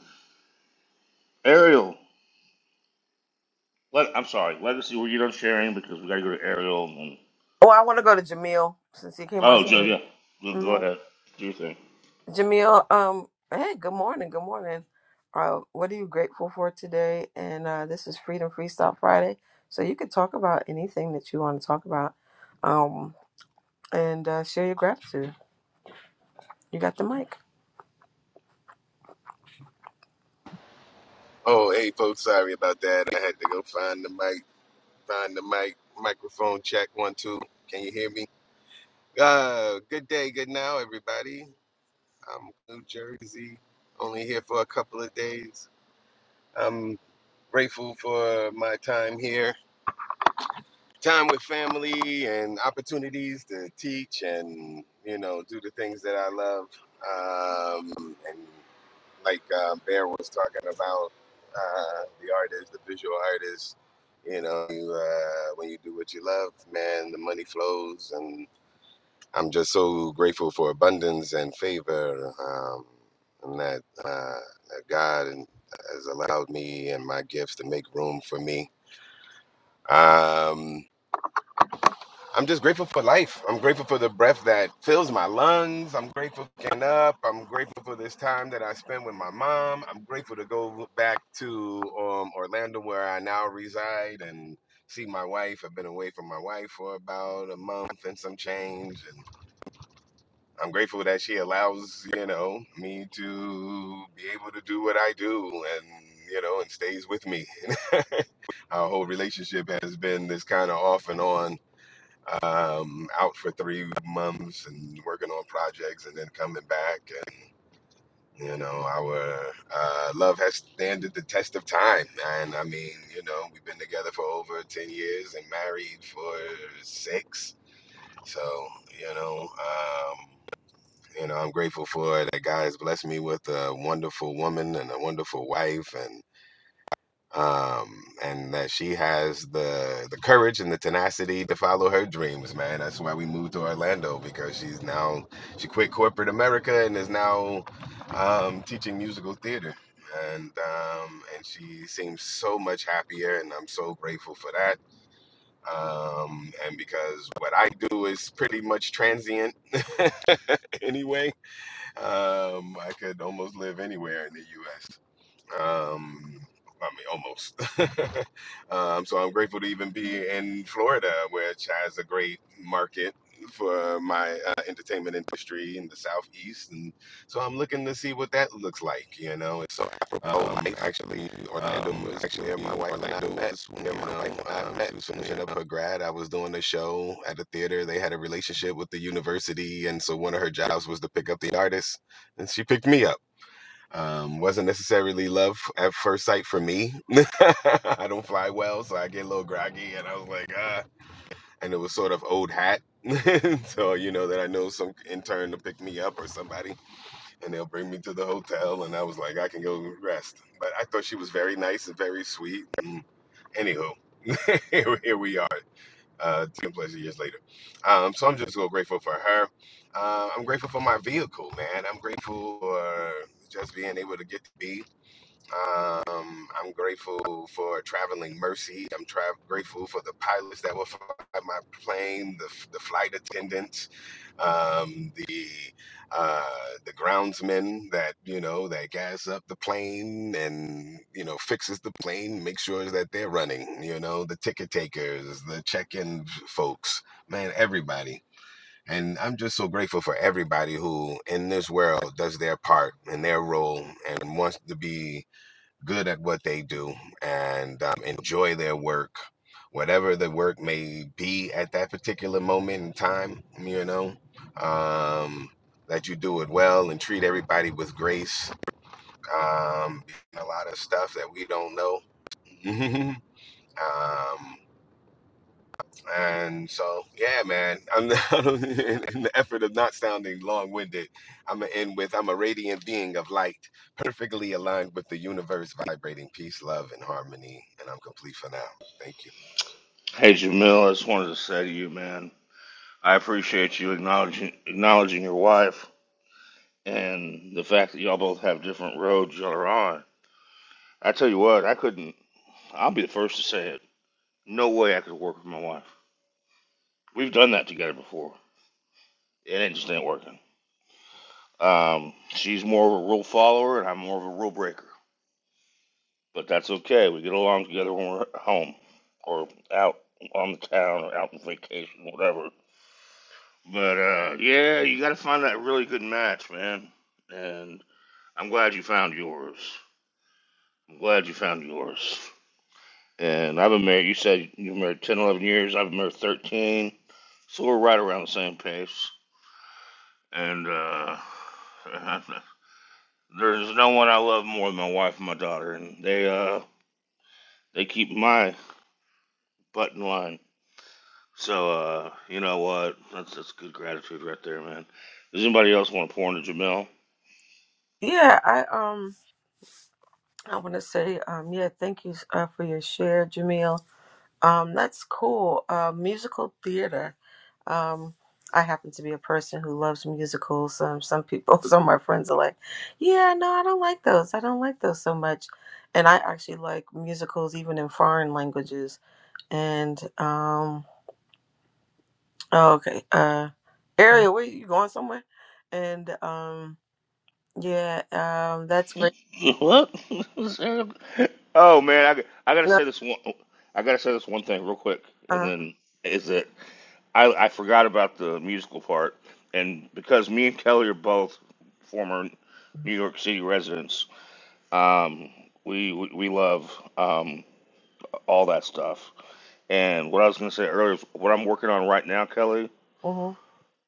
S2: Ariel, let, I'm sorry, Legacy, were you done sharing because we got to go to Ariel and
S6: Oh, I want to go to Jamil since he came on
S2: Oh, Joe,
S6: stage.
S2: yeah. Go go
S6: hmm
S2: ahead. Do your thing.
S6: Jamil, um, hey, good morning, good morning. Uh, what are you grateful for today? And uh, this is Freedom Freestyle Friday, so you can talk about anything that you want to talk about, um, and uh, share your gratitude. You got the mic.
S9: Oh, hey, folks, sorry about that. I had to go find the mic, find the mic, microphone check one, two. Can you hear me? Uh, good day, good now, everybody. I'm New Jersey, only here for a couple of days. I'm grateful for my time here. time with family and opportunities to teach and you know do the things that I love. Um, and like uh, Bear was talking about, uh, the artist, the visual artist. You know, you, uh, when you do what you love, man, the money flows, and I'm just so grateful for abundance and favor, um, and that, uh, that God and- has allowed me and my gifts to make room for me. Um, I'm just grateful for life. I'm grateful for the breath that fills my lungs. I'm grateful for getting up. I'm grateful for this time that I spend with my mom. I'm grateful to go back to um, Orlando where I now reside and see my wife. I've been away from my wife for about a month and some change. And I'm grateful that she allows, you know, me to be able to do what I do and, you know, and stays with me. Our whole relationship has been this kind of off and on um, out for three months and working on projects and then coming back. And, you know, our uh, love has standed the test of time. And I mean, you know, we've been together for over 10 years and married for six. So, you know, um, you know, I'm grateful for that God has blessed me with a wonderful woman and a wonderful wife and um, and that she has the the courage and the tenacity to follow her dreams, man. That's why we moved to Orlando because she's now she quit corporate America and is now um, teaching musical theater, and um, and she seems so much happier, and I'm so grateful for that. Um, and because what I do is pretty much transient anyway, um, I could almost live anywhere in the U.S. Um, I mean, almost. um, so I'm grateful to even be in Florida, which has a great market for my uh, entertainment industry in the Southeast, and so I'm looking to see what that looks like. You know, it's so apropos. um, actually Orlando um, was actually where my wife and I met. You know, um, she was finishing up her grad. I was doing a show at a theater. They had a relationship with the university, and so one of her jobs was to pick up the artists, and she picked me up um, wasn't necessarily love at first sight for me. I don't fly well, so I get a little groggy, and I was like, ah, and it was sort of old hat. so you know that I know some intern to pick me up or somebody, and they'll bring me to the hotel, and I was like, I can go rest. But I thought she was very nice and very sweet. And anywho, here, here we are, uh, ten plus years later. Um, so I'm just so grateful for her. Uh, I'm grateful for my vehicle, man. I'm grateful for just being able to get to be. Um, I'm grateful for traveling mercy. I'm tra- grateful for the pilots that will fly my plane, the, f- the flight attendants, um, the uh, the groundsmen that you know that gas up the plane and you know fixes the plane, make sure that they're running. You know the ticket takers, the check-in folks, man, everybody. And I'm just so grateful for everybody who in this world does their part and their role and wants to be good at what they do and um, enjoy their work, whatever the work may be at that particular moment in time, you know, um, that you do it well and treat everybody with grace. Um, a lot of stuff that we don't know. um, and so, yeah, man, I'm in, in the effort of not sounding long winded, I'm going to end with I'm a radiant being of light, perfectly aligned with the universe, vibrating peace, love, and harmony. And I'm complete for now. Thank you.
S2: Hey, Jamil, I just wanted to say to you, man, I appreciate you acknowledging acknowledging your wife and the fact that y'all both have different roads y'all are on. I tell you what, I couldn't. I'll be the first to say it. No way I could work with my wife. We've done that together before. It ain't just ain't working. Um, she's more of a rule follower, and I'm more of a rule breaker. But that's okay. We get along together when we're at home or out on the town or out on vacation, whatever But uh, yeah, you got to find that really good match, man. And I'm glad you found yours. I'm glad you found yours. And I've been married. You said you have been married 10, 11 years. I've been married 13. So we're right around the same pace. And uh, there's no one I love more than my wife and my daughter, and they uh, they keep my butt in line. So uh, you know what? That's that's good gratitude right there, man. Does anybody else want to pour into Jamil?
S6: Yeah, I um, I want to say um, yeah, thank you uh, for your share, Jamil. Um, that's cool. Uh, musical theater. Um, I happen to be a person who loves musicals. Um, some people, some of my friends are like, "Yeah, no, I don't like those. I don't like those so much." And I actually like musicals even in foreign languages. And um, oh, okay, uh, Ariel, where you going somewhere? And um, yeah, um, that's great.
S2: What? oh man, I, I gotta
S6: No,
S2: say this one. I gotta say this one thing real quick, and
S6: uh,
S2: then is that I, I forgot about the musical part, and because me and Kelly are both former New York City residents, um, we, we we love um, all that stuff. And what I was gonna say earlier, is what I'm working on right now, Kelly,
S6: mhm.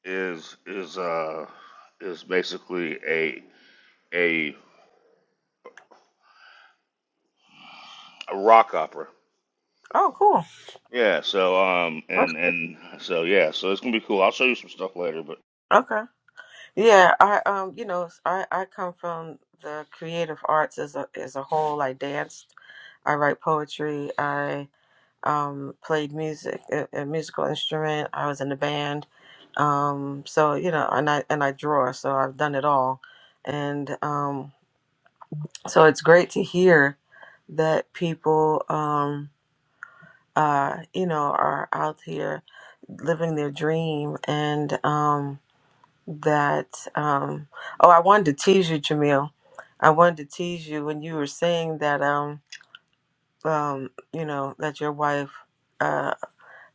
S2: is is uh, is basically a a, a rock opera
S6: Oh, cool.
S2: Yeah, so um and and so yeah, so it's gonna be cool. I'll show you some stuff later, but
S6: Okay. Yeah, I um, you know, I I come from the creative arts as a as a whole. I danced, I write poetry, I um played music, a, a musical instrument. I was in a band, um, so you know, and I and I draw. So I've done it all, and um, so it's great to hear that people um uh you know are out here living their dream and um that um oh i wanted to tease you jamil i wanted to tease you when you were saying that um um you know that your wife uh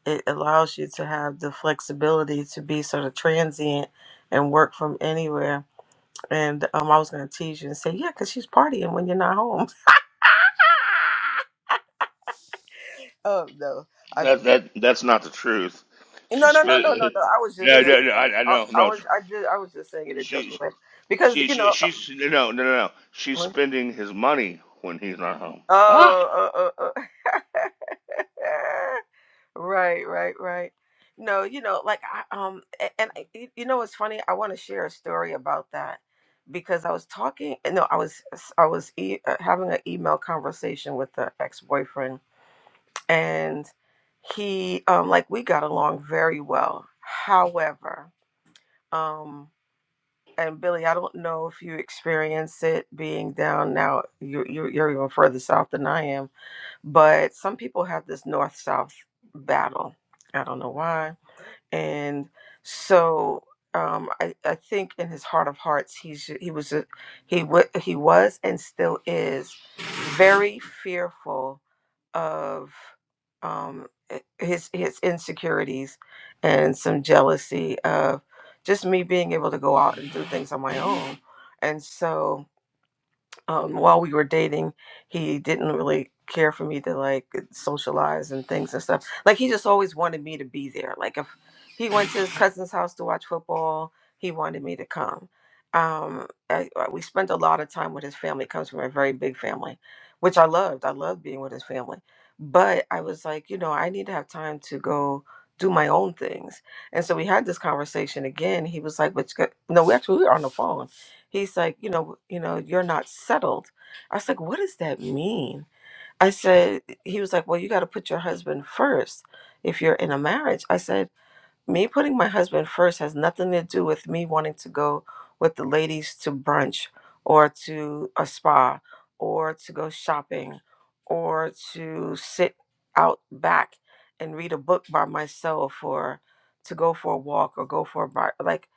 S6: it allows you to have the flexibility to be sort of transient and work from anywhere and um i was going to tease you and say yeah because she's partying when you're not home oh no i
S2: that that that's not the truth. She
S6: no no no no no
S2: spit.
S6: no i was
S2: Yeah,
S6: just joking
S2: yeah, yeah I, I
S6: I,
S2: know.
S6: I
S2: No,
S6: was i did i was just saying it in a
S2: she
S6: joking way because
S2: she
S6: you
S2: she
S6: know
S2: she's no no no no. She's spending his money when he's not home. Ah.
S6: Oh, oh, oh, oh. right, right, right. No, you know, like I um, a- and I- y- you know, what's funny. I want to share a story about that because I was talking. No, I was I was e uh, having an email conversation with the ex boyfriend, and he um, like we got along very well. However, um, and Billy, I don't know if you experience it being down now. You're you're, you're even further south than I am but some people have this north south battle. I don't know why. And so um, I, I think in his heart of hearts, he's he was a, he wa he was and still is very fearful of um, i- his his insecurities and some jealousy of just me being able to go out and do things on my own. And so um, while we were dating, he didn't really care for me to like socialize and things and stuff. Like he just always wanted me to be there. Like if he went to his cousin's house to watch football, he wanted me to come. Um, I, I- we spent a lot of time with his family. He comes from a very big family, which I loved. I loved being with his family. But I was like, you know, I need to have time to go do my own things. And so we had this conversation again. He was like, "But you got-" no, we actually we were on the phone." He's like, you know, you know, you're not settled. I was like, what does that mean? I said, he was like, well, you got to put your husband first if you're in a marriage. I said, me putting my husband first has nothing to do with me wanting to go with the ladies to brunch or to a spa or to go shopping or to sit out back and read a book by myself or to go for a walk or go for a bar. Like,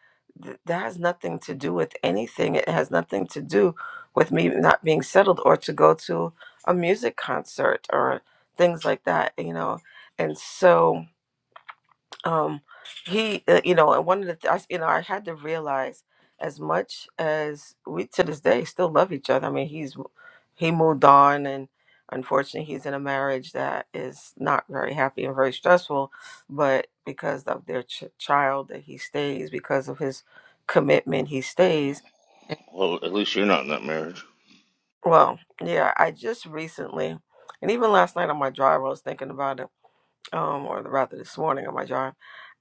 S6: th- that has nothing to do with anything. It has nothing to do with me not being settled or to go to a music concert or things like that, you know? And so um he uh, you know and one of the th- I, s- you know i had to realize as much as we to this day still love each other i mean he's he moved on and unfortunately he's in a marriage that is not very happy and very stressful but because of their ch- child that he stays because of his commitment he stays
S2: Well, at least you're not in that marriage.
S6: well yeah i just recently and even last night on my drive i was thinking about it um or rather this morning on my drive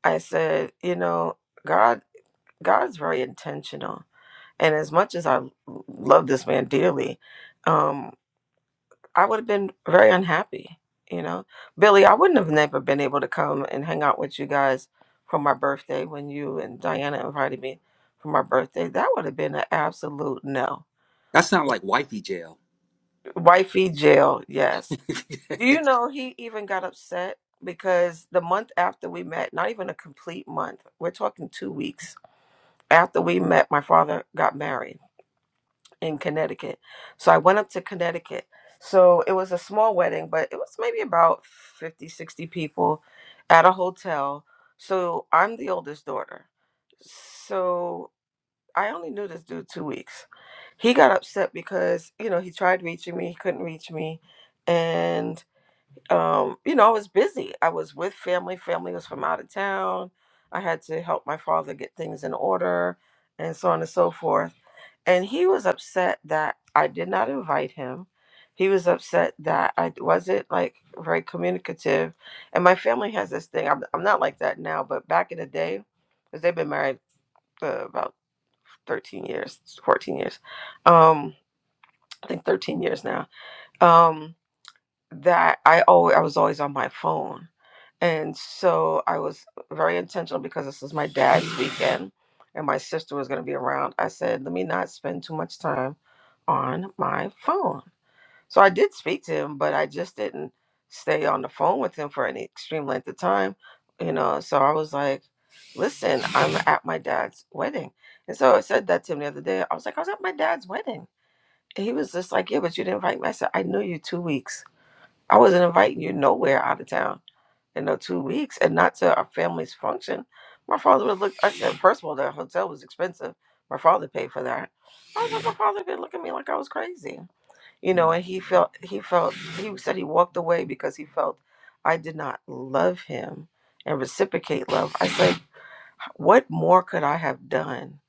S6: i said you know god God's very intentional. And as much as I love this man dearly, um, I would have been very unhappy. You know, Billy, I wouldn't have never been able to come and hang out with you guys for my birthday when you and Diana invited me for my birthday. That would have been an absolute no.
S7: that sounds like wifey jail.
S6: Wifey jail, yes. Do you know he even got upset because the month after we met, not even a complete month, we're talking two weeks after we met, my father got married in Connecticut. So I went up to Connecticut. So it was a small wedding, but it was maybe about 50, 60 people at a hotel. So I'm the oldest daughter. So I only knew this dude two weeks. He got upset because, you know, he tried reaching me, he couldn't reach me. And, um, you know, I was busy. I was with family. Family was from out of town. I had to help my father get things in order and so on and so forth and he was upset that I did not invite him. He was upset that I wasn't like very communicative. And my family has this thing. I'm, I'm not like that now, but back in the day, because they've been married uh, about 13 years, 14 years. Um, I think 13 years now. Um, that I always I was always on my phone. And so I was very intentional because this is my dad's weekend and my sister was going to be around. I said, "Let me not spend too much time on my phone." So I did speak to him, but I just didn't stay on the phone with him for any extreme length of time, you know. So I was like, "Listen, I'm at my dad's wedding." And so I said that to him the other day. I was like, "I was at my dad's wedding." And he was just like, "Yeah, but you didn't invite me." I said, "I knew you 2 weeks." I wasn't inviting you nowhere out of town in no two weeks and not to our family's function. My father would look, I said, first of all, that hotel was expensive. My father paid for that. I was like, my father could look at me like I was crazy. You know, and he felt, he felt, he said he walked away because he felt I did not love him and reciprocate love. I said, what more could I have done?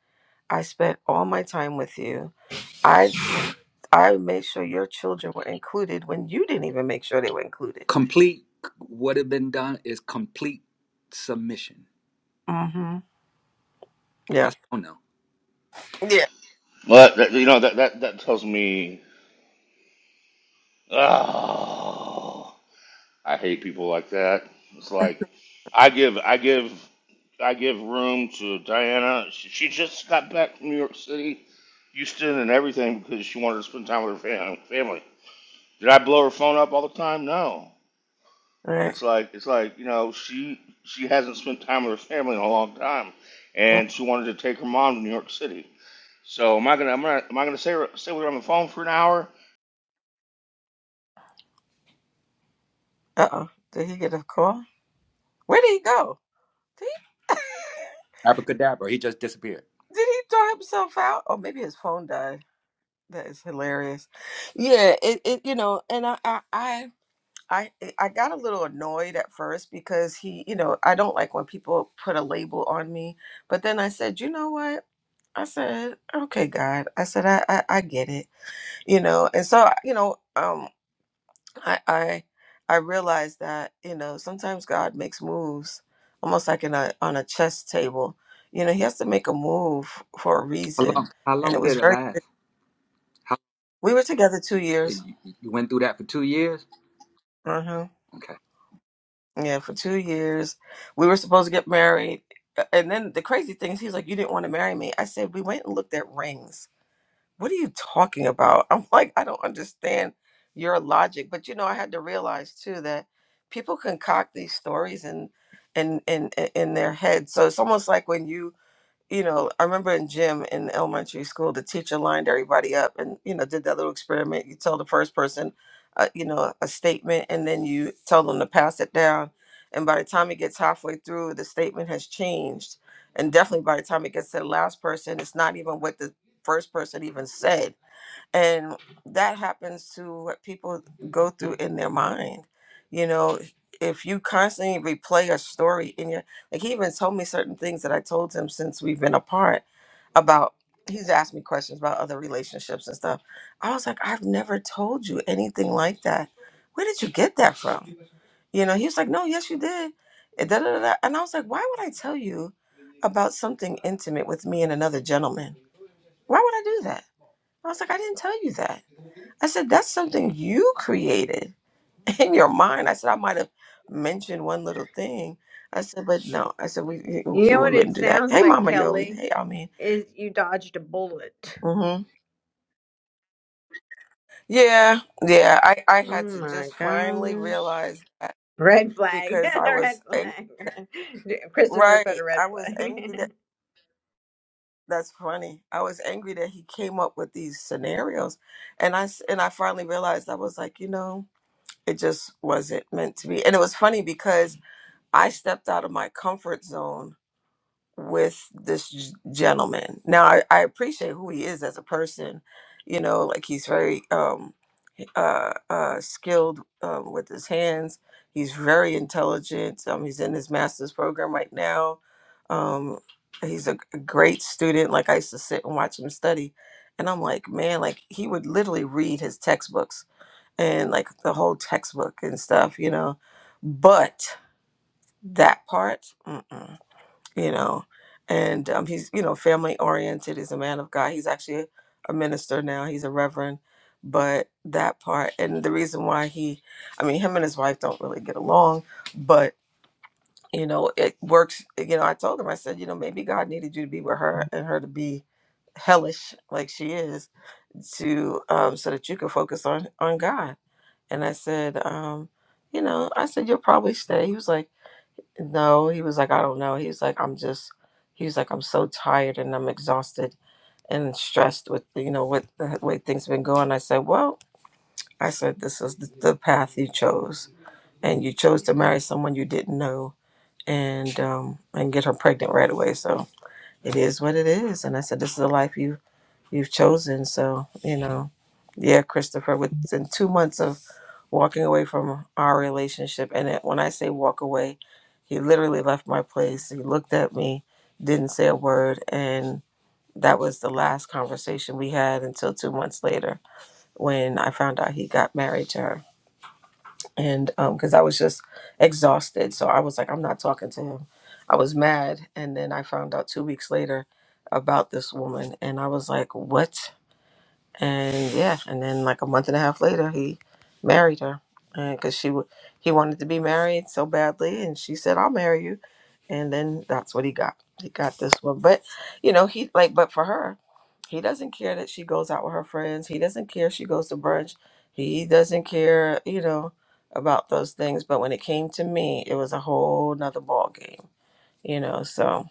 S6: I spent all my time with you. I, I made sure your children were included when you didn't even make sure they were included.
S7: Complete what had been done is complete submission.
S6: hmm.
S7: But
S6: Yeah.
S7: I don't know.
S6: Yeah.
S2: Well, that- you know that that that tells me. Oh. I hate people like that. It's like I give I give I give room to Diana. She, she just got back from New York City, Houston, and everything because she wanted to spend time with her fam- family. Did I blow her phone up all the time? No.
S6: All right.
S2: It's like it's like you know she she hasn't spent time with her family in a long time, and she wanted to take her mom to New York City. So am I gonna am I, am I gonna stay stay with her on the phone for an hour?
S6: Uh oh. Did he get a call? Where did he go? Did he,
S7: Abracadabra. He just disappeared.
S6: did he throw himself out? Or maybe his phone died. That is hilarious. Yeah. It. it you know. And I. I. I I, I got a little annoyed at first because he, you know, I don't like when people put a label on me. But then I said, you know what? I said, okay, God. I said, I, I, I get it, you know. And so, you know, Um. I I I realize that you know sometimes God makes moves almost like in a on a chess table. You know, He has to make a move for a
S7: How
S6: reason,
S7: long? How
S6: and
S7: long
S6: it was
S7: did it
S6: very.
S7: last? How
S6: We were together two years.
S7: you, you went through that for two years?
S6: Uh-huh.
S7: Okay.
S6: Yeah, for two years, we were supposed to get married, uh, and then the crazy thing is, he's like, "You didn't want to marry me." I said, "We went and looked at rings." what are you talking about? I'm like, I don't understand your logic. But you know, I had to realize too that people concoct these stories in in in in their head. So it's almost like when you you know, I remember in gym in elementary school, the teacher lined everybody up and, you know, did that little experiment. You tell the first person, uh, you know, a statement, and then you tell them to pass it down. And by the time it gets halfway through, the statement has changed. And definitely by the time it gets to the last person, it's not even what the first person even said and that happens to what people go through in their mind you know if you constantly replay a story in your like he even told me certain things that i told him since we've been apart about he's asked me questions about other relationships and stuff i was like i've never told you anything like that where did you get that from you know he was like no yes you did and, da, da, da, da. and i was like why would i tell you about something intimate with me and another gentleman why would i do that i was like i didn't tell you that I said, that's something you created in your mind. I said, I might have mentioned one little thing. I said, but no. I said, we, we
S10: You
S6: we
S10: know what it
S6: wouldn't do that.
S10: sounds
S6: Hey,
S10: like,
S6: Mama Yoli.
S10: Kelly?
S6: Hey, I mean,
S10: Is you dodged a bullet.
S6: mm-hmm. yeah, yeah. I, I
S10: Oh
S6: had to
S10: my
S6: just finally
S10: gosh.
S6: realize that
S10: Red flag.
S6: because I
S10: red
S6: was angry.
S10: flag. Christopher put a
S6: Right.
S10: red
S6: I was angry that
S10: flag.
S6: that's funny. I was angry that he came up with these scenarios. And I, s- and I finally realized I was like, you know, it just wasn't meant to be. And it was funny because I stepped out of my comfort zone with this g- gentleman. Now I, I appreciate who he is as a person. You know, like he's very um, uh, uh, skilled um, with his hands. He's very intelligent. Um, he's in his master's program right now. Um, he's a, a great student. Like I used to sit and watch him study, and I'm like, man, like he would literally read his textbooks and like the whole textbook and stuff. You know, but that part, mm-mm, you know. And um, he's, you know, family oriented. He's a man of God. He's actually a, minister now. He's a reverend. But that part, and the reason why he, I mean, him and his wife don't really get along, but, you know, it works. You know, I told him, I said, you know, maybe God needed you to be with her and her to be hellish like she is to um so that you could focus on on god and i said um you know i said you'll probably stay he was like no, he was like, I don't know. He was like, I'm just, he was like, I'm so tired and I'm exhausted and stressed with, you know, what the way things been going. I said, Well, I said, this is the the path you chose. And you chose to marry someone you didn't know and um and get her pregnant right away. So it is what it is. And I said, This is the life you you've chosen. So, you know, yeah, Christopher, within two months of walking away from our relationship, and it, when I say walk away, he literally left my place. He looked at me, didn't say a word, and that was the last conversation we had until two months later when I found out he got married to her. And because I was just exhausted. So I was like, I'm not talking to him. I was mad. And then I found out two weeks later about this woman. And I was like, what? and yeah, and then like a month and a half later, he married her, and because she wa- he wanted to be married so badly, and she said, "I'll marry you," and then that's what he got. He got this one, but you know, he like, but for her, he doesn't care that she goes out with her friends. He doesn't care she goes to brunch. He doesn't care, you know, about those things. But when it came to me, it was a whole nother ball game, you know. So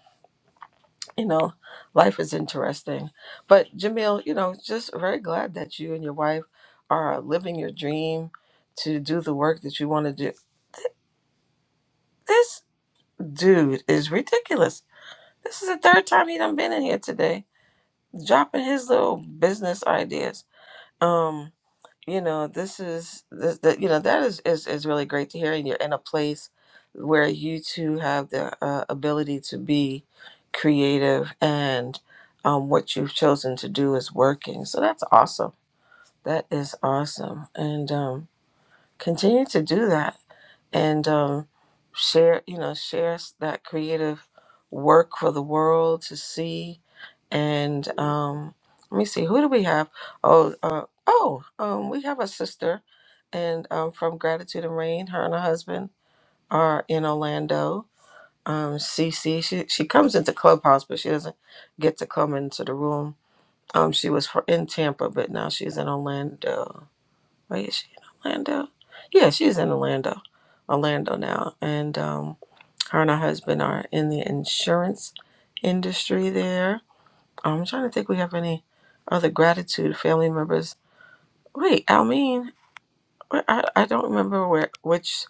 S6: you know, life is interesting. But Jamil, you know, just very glad that you and your wife are living your dream to do the work that you want to do. This dude is ridiculous. This is the third time he done been in here today, dropping his little business ideas. Um, you know this is this that you know that is, is is really great to hear and you're in a place where you two have the uh, ability to be creative and um, what you've chosen to do is working so that's awesome that is awesome and um, continue to do that and um, share you know shares that creative work for the world to see and um, let me see who do we have oh uh, oh um, we have a sister and um, from gratitude and rain her and her husband are in orlando um, cc she, she comes into clubhouse but she doesn't get to come into the room um, she was for, in tampa but now she's in orlando Wait, is she in Orlando? Yeah, she's in Orlando, Orlando now. And um, her and her husband are in the insurance industry there. I'm trying to think we have any other gratitude family members. Wait, Almeen, where- I, I don't remember where which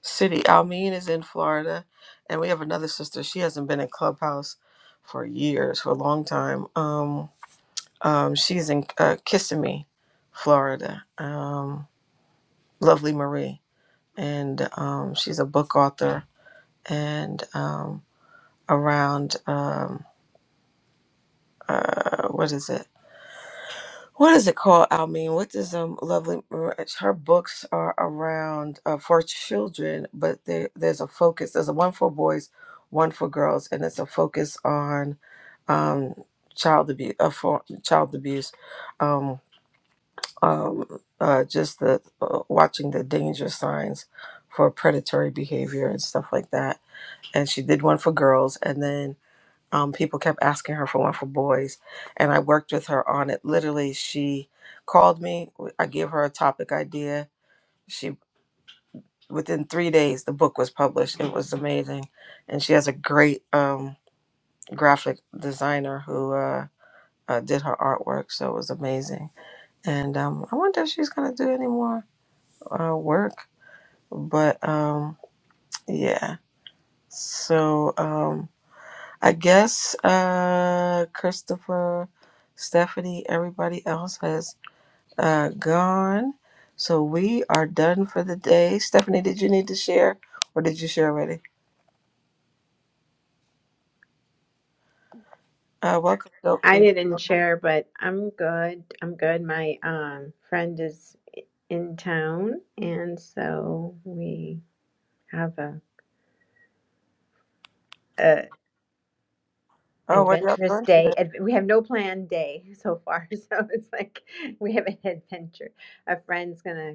S6: city. Almeen is in Florida. And we have another sister. She hasn't been in Clubhouse for years, for a long time. Um, um, she's in uh, Kissimmee, Florida. Um, lovely Marie. and um, she's a book author and um, around um, uh, what is it what is it called i mean what does um lovely her books are around uh, for children but there, there's a focus there's a one for boys one for girls and it's a focus on um, child abuse uh, for child abuse um, um, uh, just the uh, watching the danger signs for predatory behavior and stuff like that and she did one for girls and then um, people kept asking her for one for boys and i worked with her on it literally she called me i gave her a topic idea she within three days the book was published it was amazing and she has a great um, graphic designer who uh, uh, did her artwork so it was amazing and um, i wonder if she's going to do any more uh, work but um, yeah so um, I guess uh, Christopher, Stephanie, everybody else has uh, gone. So we are done for the day. Stephanie, did you need to share or did you share already? Uh, welcome, Dope
S10: I
S6: people.
S10: didn't share, but I'm good. I'm good. My um friend is in town and so we have a,
S6: Oh, what y'all
S10: adventurous
S6: doing today?
S10: day. Ad- we have no planned day so far, so it's like we have an adventure. A friend's gonna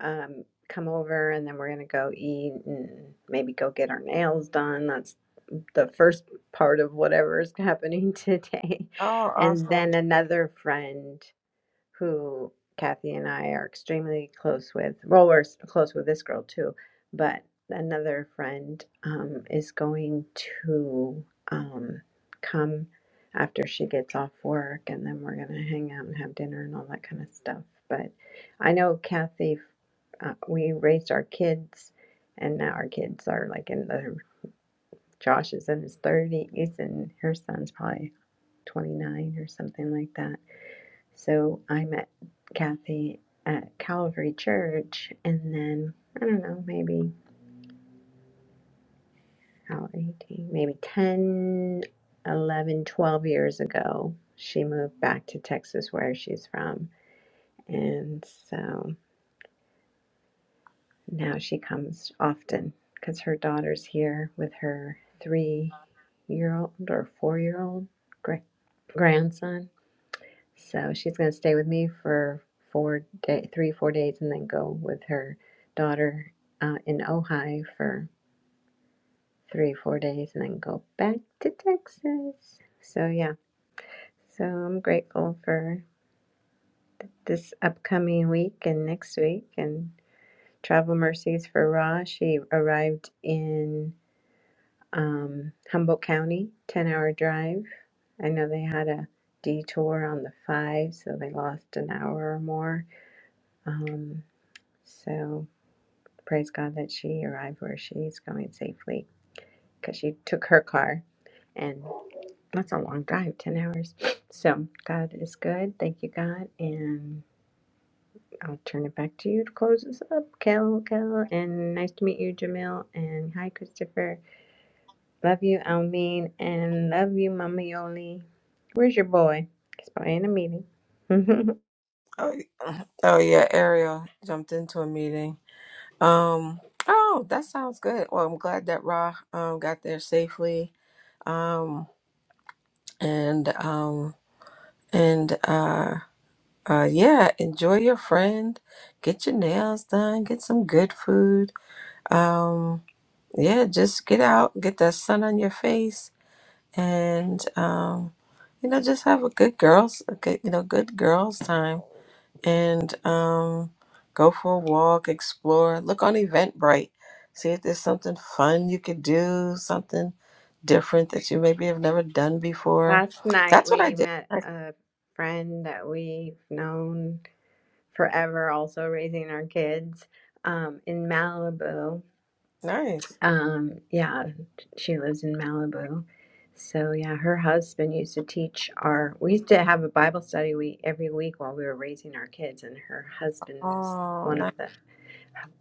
S10: um, come over, and then we're gonna go eat and maybe go get our nails done. That's the first part of whatever is happening today,
S6: Oh,
S10: and
S6: awesome.
S10: then another friend who Kathy and I are extremely close with. Well, we're s- close with this girl too, but another friend um, is going to um, come after she gets off work, and then we're going to hang out and have dinner and all that kind of stuff. But I know Kathy, uh, we raised our kids, and now our kids are like in the Josh is in his 30s, and her son's probably 29 or something like that so I met Kathy at Calvary Church, and then I don't know, maybe how 18, maybe 10, 11, 12 years ago, she moved back to Texas where she's from. And so now she comes often because her daughter's here with her three year old or four year old grandson So she's going to stay with me for four day, three, four days, and then go with her daughter uh, in Ojai for three, four days, and then go back to Texas. So yeah, so I'm grateful for this upcoming week and next week, and Travel Mercies for Ra. She arrived in um, Humboldt County, ten-hour drive. I know they had a detour on the five, so they lost an hour or more. Um, so Praise God that she arrived where she's going safely because she took her car and that's a long drive, 10 hours. So God is good. Thank you, God. And I'll turn it back to you to close this up. Kel, Kel, and nice to meet you, Jamil. And hi, Christopher. Love you, Almeen. And love you, Mama Yoli. Where's your boy? He's probably in a meeting.
S6: Oh, y- oh, yeah, Ariel jumped into a meeting. Um, oh, that sounds good. Well, I'm glad that Ra um, got there safely. Um, and um, and uh Uh, yeah, enjoy your friend. Get your nails done. Get some good food. Um, yeah, just get out, get that sun on your face, and um, you know, just have a good girls, a good, you know, good girls time, and um, go for a walk, explore, look on Eventbrite, see if there's something fun you could do, something different that you maybe have never done before.
S10: Last night
S6: That's what I
S10: we
S6: did.
S10: met
S6: Nice.
S10: a friend that we've known forever also raising our kids um, in Malibu.
S6: Nice.
S10: Um, yeah, she lives in Malibu. So yeah, her husband used to teach our we used to have a Bible study we every week while we were raising our kids and her husband was
S6: Oh,
S10: one
S6: nice.
S10: of the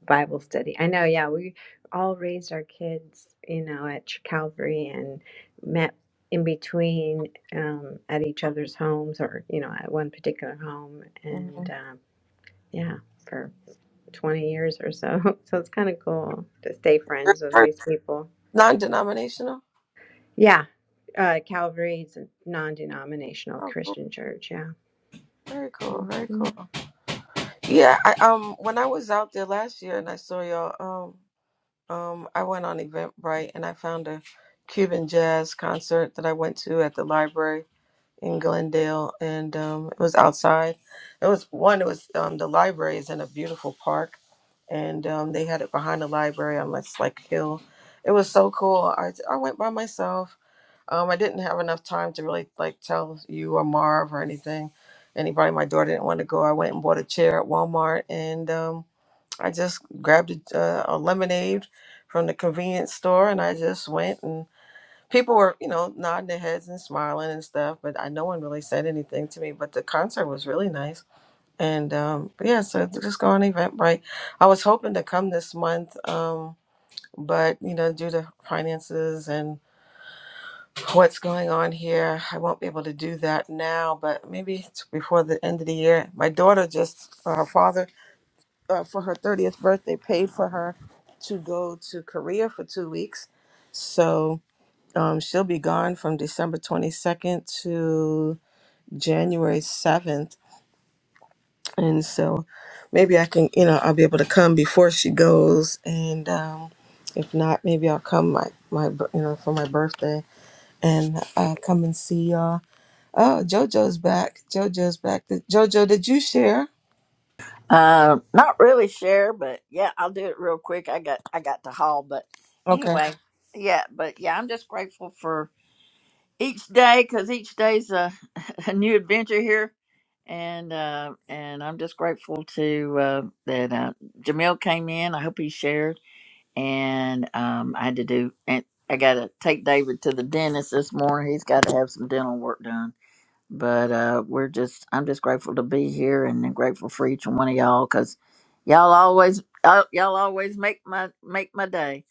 S10: Bible study. I know, yeah, we all raised our kids, you know, at Ch- Calvary and met in between um, at each other's homes or, you know, at one particular home and
S6: Mhm.
S10: um, yeah, for 20 years or so. So it's kind of cool to stay friends with these people.
S6: Non-denominational.
S10: Yeah. Uh, Calvary's a non denominational
S6: Oh, cool.
S10: Christian church. Yeah.
S6: very cool, very
S10: hmm
S6: cool. Yeah, I um when I was out there last year and I saw y'all, um um I went on Eventbrite and I found a Cuban jazz concert that I went to at the library in Glendale and um it was outside. It was one it was um the library is in a beautiful park and um they had it behind the library on this like hill. It was so cool. I I went by myself Um, I didn't have enough time to really like tell you or Marv or anything. Anybody, my daughter didn't want to go. I went and bought a chair at Walmart, and um, I just grabbed a, uh, a lemonade from the convenience store, and I just went. And people were, you know, nodding their heads and smiling and stuff, but I no one really said anything to me. But the concert was really nice, and um, but yeah, so just go on Eventbrite. I was hoping to come this month, um, but you know, due to finances and what's going on here. I won't be able to do that now, but maybe it's before the end of the year. My daughter just, uh, her father, uh, for her 30th birthday, paid for her to go to Korea for two weeks. So um, she'll be gone from December 22nd to January 7th. And so maybe I can, you know, I'll be able to come before she goes. And um, if not, maybe I'll come my, my, bir- you know, for my birthday and uh, come and see y'all Oh, JoJo's back. JoJo's back. Did- JoJo, did you share?
S1: Uh, not really share, but yeah, I'll do it real quick. I got I got to haul, but
S6: Okay.
S1: anyway, yeah, but yeah, I'm just grateful for. each day because each day's a, a new adventure here and uh and i'm just grateful to uh that uh jamil came in i hope he shared and um i had to do and i gotta take david to the dentist this morning he's got to have some dental work done but uh we're just i'm just grateful to be here and I'm grateful for each one of y'all because y'all always y'all y'all always make my make my day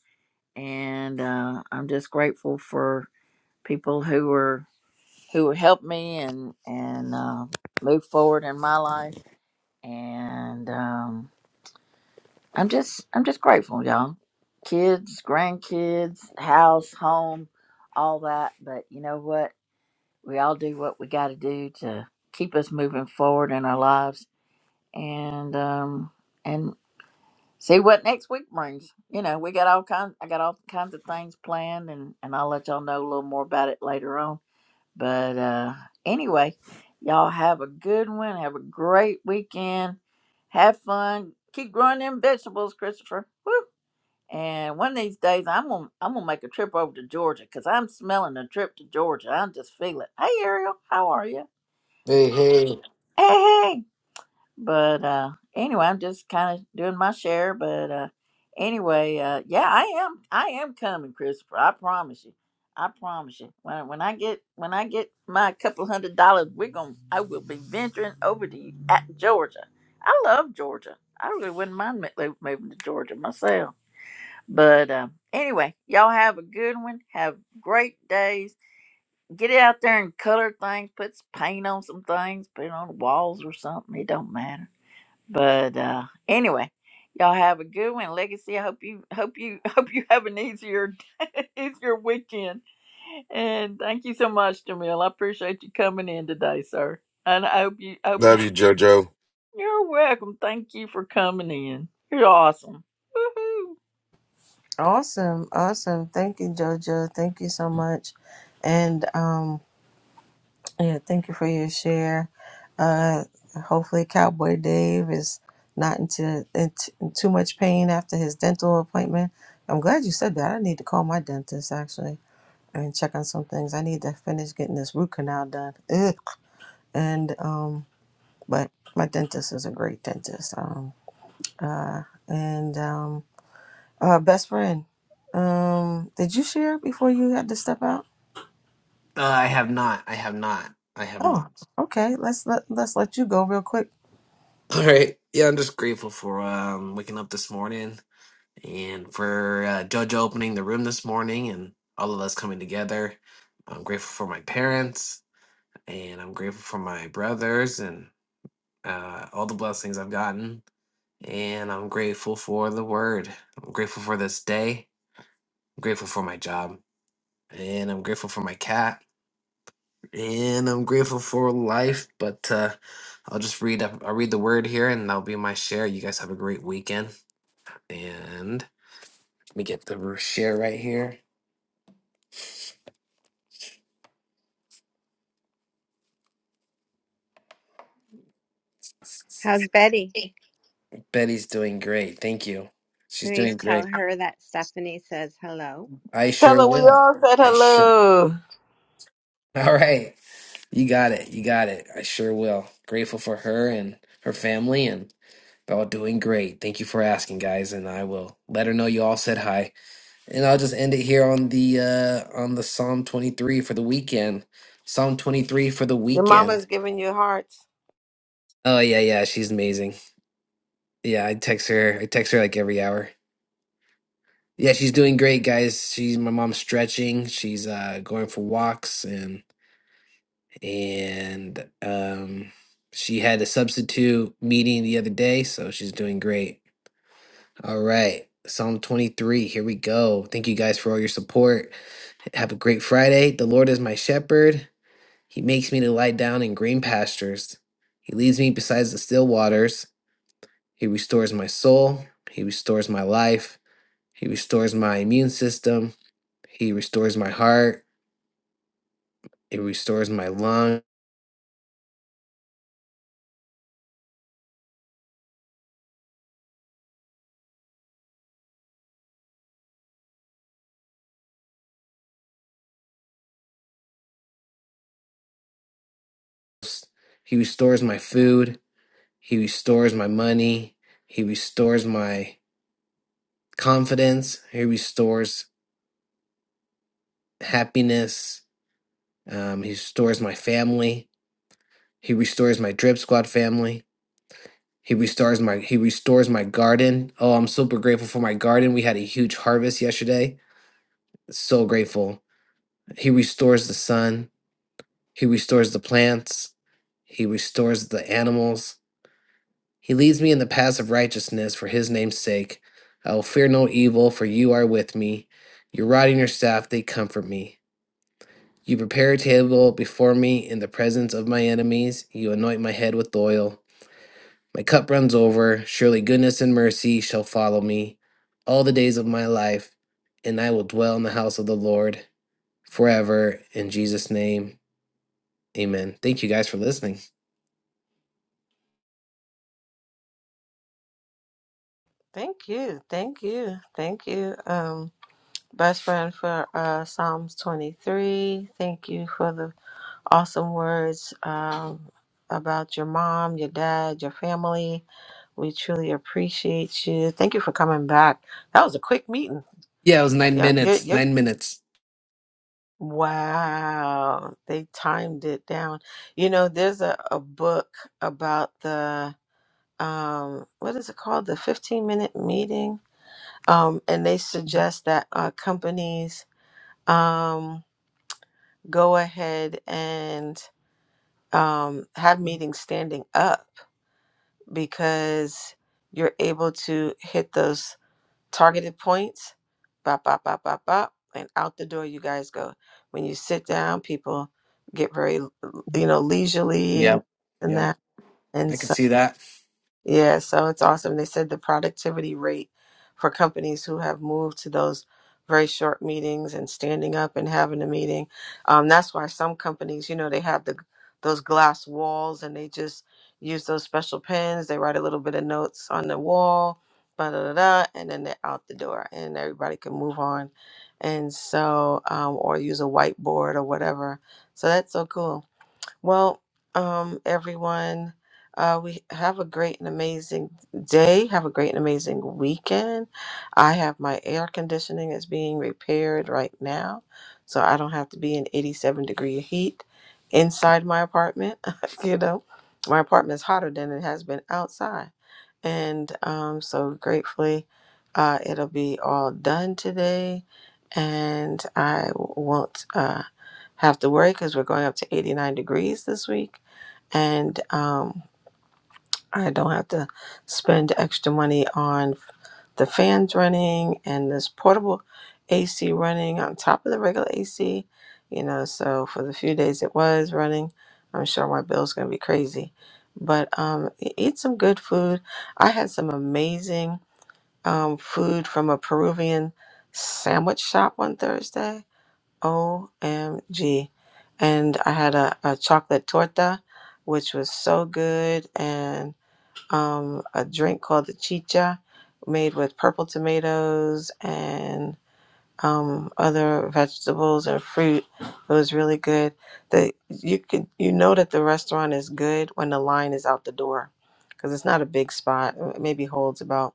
S1: and uh i'm just grateful for people who are who helped me and and uh, move forward in my life. And um, I'm just I'm just grateful, y'all. Kids, grandkids, house, home, all that. But you know what? We all do what we got to do to keep us moving forward in our lives, and um, and see what next week brings. You know, we got all kinds. I got all kinds of things planned, and and I'll let y'all know a little more about it later on But uh, anyway, y'all have a good one. Have a great weekend. Have fun. Keep growing them vegetables, Christopher. Woo. And one of these days, I'm gonna I'm gonna make a trip over to Georgia because I'm smelling a trip to Georgia. I just feel it. Hey, Ariel, how are you?
S5: Hey, hey. Uh,
S1: Hey. hey, but uh anyway i'm just kind of doing my share but uh anyway uh yeah i am i am coming christopher i promise you i promise you when, when i get when i get my couple hundred dollars we're gonna i will be venturing over to at georgia i love georgia i really wouldn't mind mo- mo- moving to georgia myself but uh, anyway y'all have a good one have great days get out there and color things put some paint on some things put it on the walls or something it don't matter but uh anyway, y'all have a good one, Legacy. I hope you hope you hope you have an easier easier weekend. And thank you so much, Jamil. I appreciate you coming in today, sir. And I hope you I hope you
S9: Love you, JoJo.
S1: You're welcome. Thank you for coming in. You're awesome. Woohoo.
S6: Awesome. Awesome. Thank you, JoJo. Thank you so much. And um yeah, thank you for your share. Uh hopefully Cowboy Dave is not into, into in too much pain after his dental appointment. I'm glad you said that. I need to call my dentist actually and check on some things. I need to finish getting this root canal done. Ugh. And um but my dentist is a great dentist. Um Uh, and um, uh, best friend, um, did you share before you had to step out?
S5: I have not. I have not. I have
S6: Oh,
S5: not.
S6: okay. Let's let let's let you go real quick.
S5: All right. Yeah, I'm just grateful for um waking up this morning and for uh, Judge opening the room this morning and all of us coming together. I'm grateful for my parents and I'm grateful for my brothers and uh, all the blessings I've gotten. And I'm grateful for the word. I'm grateful for this day. I'm grateful for my job. and I'm grateful for my cat, and I'm grateful for life. But uh, I'll just read up. I'll read the word here, and that'll be my share. You guys have a great weekend, and let me get the r- share right here.
S10: How's Betty?
S5: Hey. Betty's doing great. Thank you. She's doing
S10: Please
S5: great.
S10: tell her that Stephanie says hello.
S5: I
S6: Tell
S5: sure
S6: her we
S5: will.
S6: all said
S5: I sure.
S6: hello.
S5: All right, you got it. You got it. I sure will. Grateful for her and her family, and they're all doing great. Thank you for asking, guys, and I will let her know you all said hi. And I'll just end it here on the uh on the Psalm 23 for the weekend. Psalm 23 for the
S6: Your mama's
S5: weekend.
S6: giving you hearts.
S5: Oh yeah, yeah, she's amazing. Yeah, I text her. I text her like every hour. Yeah, she's doing great, guys. She's my mom's stretching. She's uh going for walks and and um she had a substitute meeting the other day, so she's doing great. All right. Psalm 23. Here we go. Thank you guys for all your support. Have a great Friday. The Lord is my shepherd. He makes me to lie down in green pastures. He leads me beside the still waters. He restores my soul. He restores my life. He restores my immune system. He restores my heart. He restores my lungs. He restores my food. He restores my money. He restores my confidence. He restores happiness. Um, he restores my family. He restores my Drip Squad family. He restores my he restores my garden. Oh, I'm super grateful for my garden. We had a huge harvest yesterday. So grateful. He restores the sun. He restores the plants. He restores the animals. He leads me in the paths of righteousness for his name's sake. I will fear no evil, for you are with me. Your rod and your staff, they comfort me. You prepare a table before me in the presence of my enemies. You anoint my head with oil. My cup runs over. Surely goodness and mercy shall follow me all the days of my life, and I will dwell in the house of the Lord forever. In Jesus' name, amen. Thank you guys for listening.
S6: Thank you, thank you, thank you. Um, best friend for uh, Psalms twenty three. Thank you for the awesome words um, about your mom, your dad, your family. We truly appreciate you. Thank you for coming back. That was a quick meeting.
S5: Yeah, it was nine
S6: Yep, yep,
S5: minutes.
S6: yep.
S5: Nine minutes.
S6: Wow, they timed it down. You know, there's a, a book about the um what is it called? The 15 minute meeting. Um, and they suggest that uh, companies um go ahead and um have meetings standing up because you're able to hit those targeted points, bop, bop, bop, bop, bop, and out the door you guys go. When you sit down, people get very, you know, leisurely and,
S5: Yep.
S6: and
S5: Yep.
S6: that.
S5: I
S6: and
S5: could see that.
S6: yeah, so it's awesome. They said the productivity rate for companies who have moved to those very short meetings and standing up and having a meeting. Um, that's why some companies, you know, they have the those glass walls and they just use those special pens. They write a little bit of notes on the wall, da da da, da, and then they're out the door, and everybody can move on. And so, um, or use a whiteboard or whatever. So that's so cool. Well, um, everyone, uh, we have a great and amazing day. Have a great and amazing weekend. I have my air conditioning is being repaired right now, so I don't have to be in 87 degree heat inside my apartment. you know, my apartment is hotter than it has been outside, and um, so gratefully, uh, it'll be all done today, and I won't. Uh, have to worry because we're going up to 89 degrees this week. And um, I don't have to spend extra money on the fans running and this portable AC running on top of the regular AC. You know, so for the few days it was running, I'm sure my bill's going to be crazy. But um, e- eat some good food. I had some amazing um, food from a Peruvian sandwich shop on Thursday OMG. And I had a, a chocolate torta, which was so good, and um, a drink called the chicha, made with purple tomatoes and um, other vegetables and fruit. It was really good. The, you can you know that the restaurant is good when the line is out the door, because it's not a big spot. It maybe holds about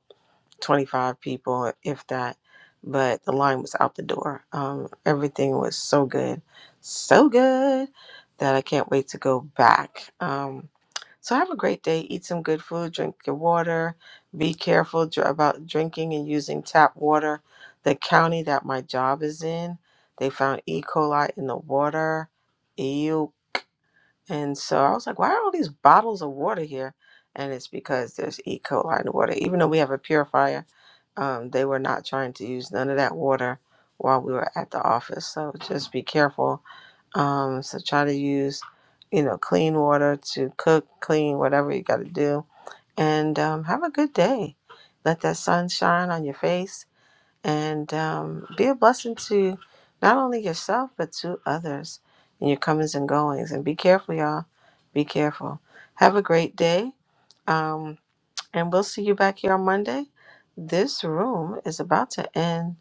S6: 25 people, if that. But the line was out the door. Um, everything was so good, so good that I can't wait to go back. Um, so have a great day. Eat some good food, drink your water. Be careful dr- about drinking and using tap water. The county that my job is in, they found E. coli in the water. Ew. And so I was like, why are all these bottles of water here? And it's because there's E. coli in the water. Even though we have a purifier, um, they were not trying to use none of that water while we were at the office. So just be careful. Um, so try to use, you know, clean water to cook, clean, whatever you got to do. And um, have a good day. Let that sun shine on your face and um, be a blessing to not only yourself but to others in your comings and goings. And be careful, y'all. Be careful. Have a great day. Um, and we'll see you back here on Monday. This room is about to end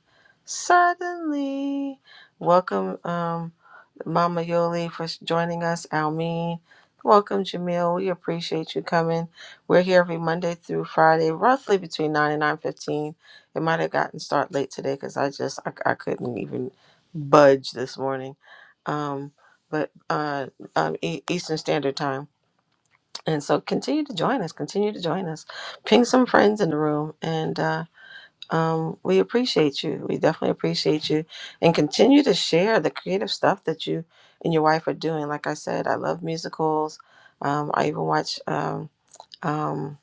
S6: suddenly. Welcome, um, Mama Yoli, for joining us. Almeen, welcome, Jamil. We appreciate you coming. We're here every Monday through Friday, roughly between nine and nine fifteen. It might have gotten start late today because I just I, I couldn't even budge this morning. Um, but uh, um, E- Eastern Standard Time. And so continue to join us. Continue to join us. Ping some friends in the room. And uh, um, we appreciate you. We definitely appreciate you. And continue to share the creative stuff that you and your wife are doing. Like I said, I love musicals. Um, I even watch um, um,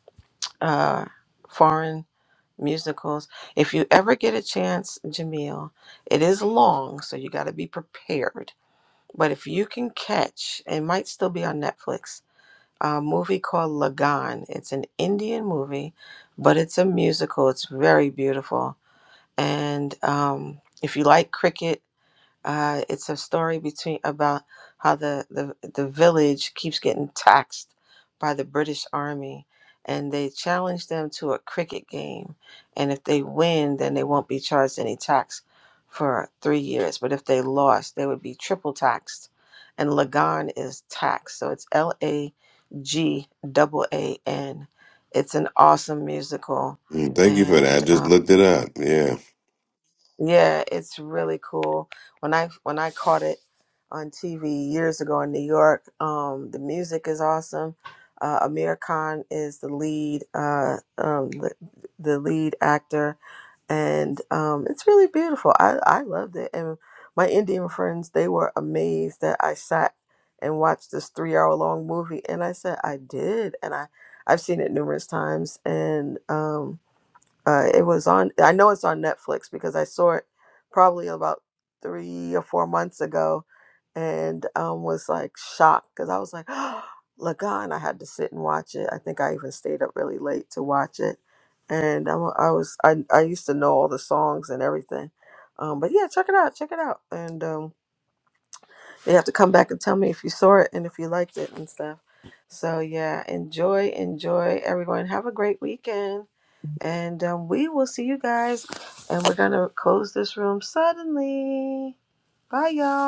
S6: uh, foreign musicals. If you ever get a chance, Jamil, it is long, so you got to be prepared. But if you can catch, it might still be on Netflix a movie called Lagan. It's an Indian movie, but it's a musical. It's very beautiful. And um, if you like cricket, uh, it's a story between about how the, the the village keeps getting taxed by the British Army, and they challenge them to a cricket game, and if they win, then they won't be charged any tax for three years. But if they lost, they would be triple taxed, and Lagan is taxed, so it's L A G double A N. It's an awesome musical,
S9: Mm, Thank you for that.
S6: and
S9: I
S6: um,
S9: just looked it up. Yeah.
S6: yeah, it's really cool. When I when I caught it on TV years ago in New York, um, the music is awesome. Uh, Amir Khan is the lead, uh, um, the, the lead actor, and um, it's really beautiful. I I loved it, and my Indian friends they were amazed that I sat and watched this three hour long movie, and I said I did, and I I've seen it numerous times, and um, uh, it was on. I know it's on Netflix because I saw it probably about three or four months ago, and um, was like shocked because I was like, Lagan. I had to sit and watch it. I think I even stayed up really late to watch it, and I'm, I was I I used to know all the songs and everything. Um, but yeah, check it out. Check it out, and um, you have to come back and tell me if you saw it and if you liked it and stuff. So yeah, enjoy, enjoy, everyone. Have a great weekend. And um, we will see you guys. And we're going to close this room suddenly. Bye, y'all.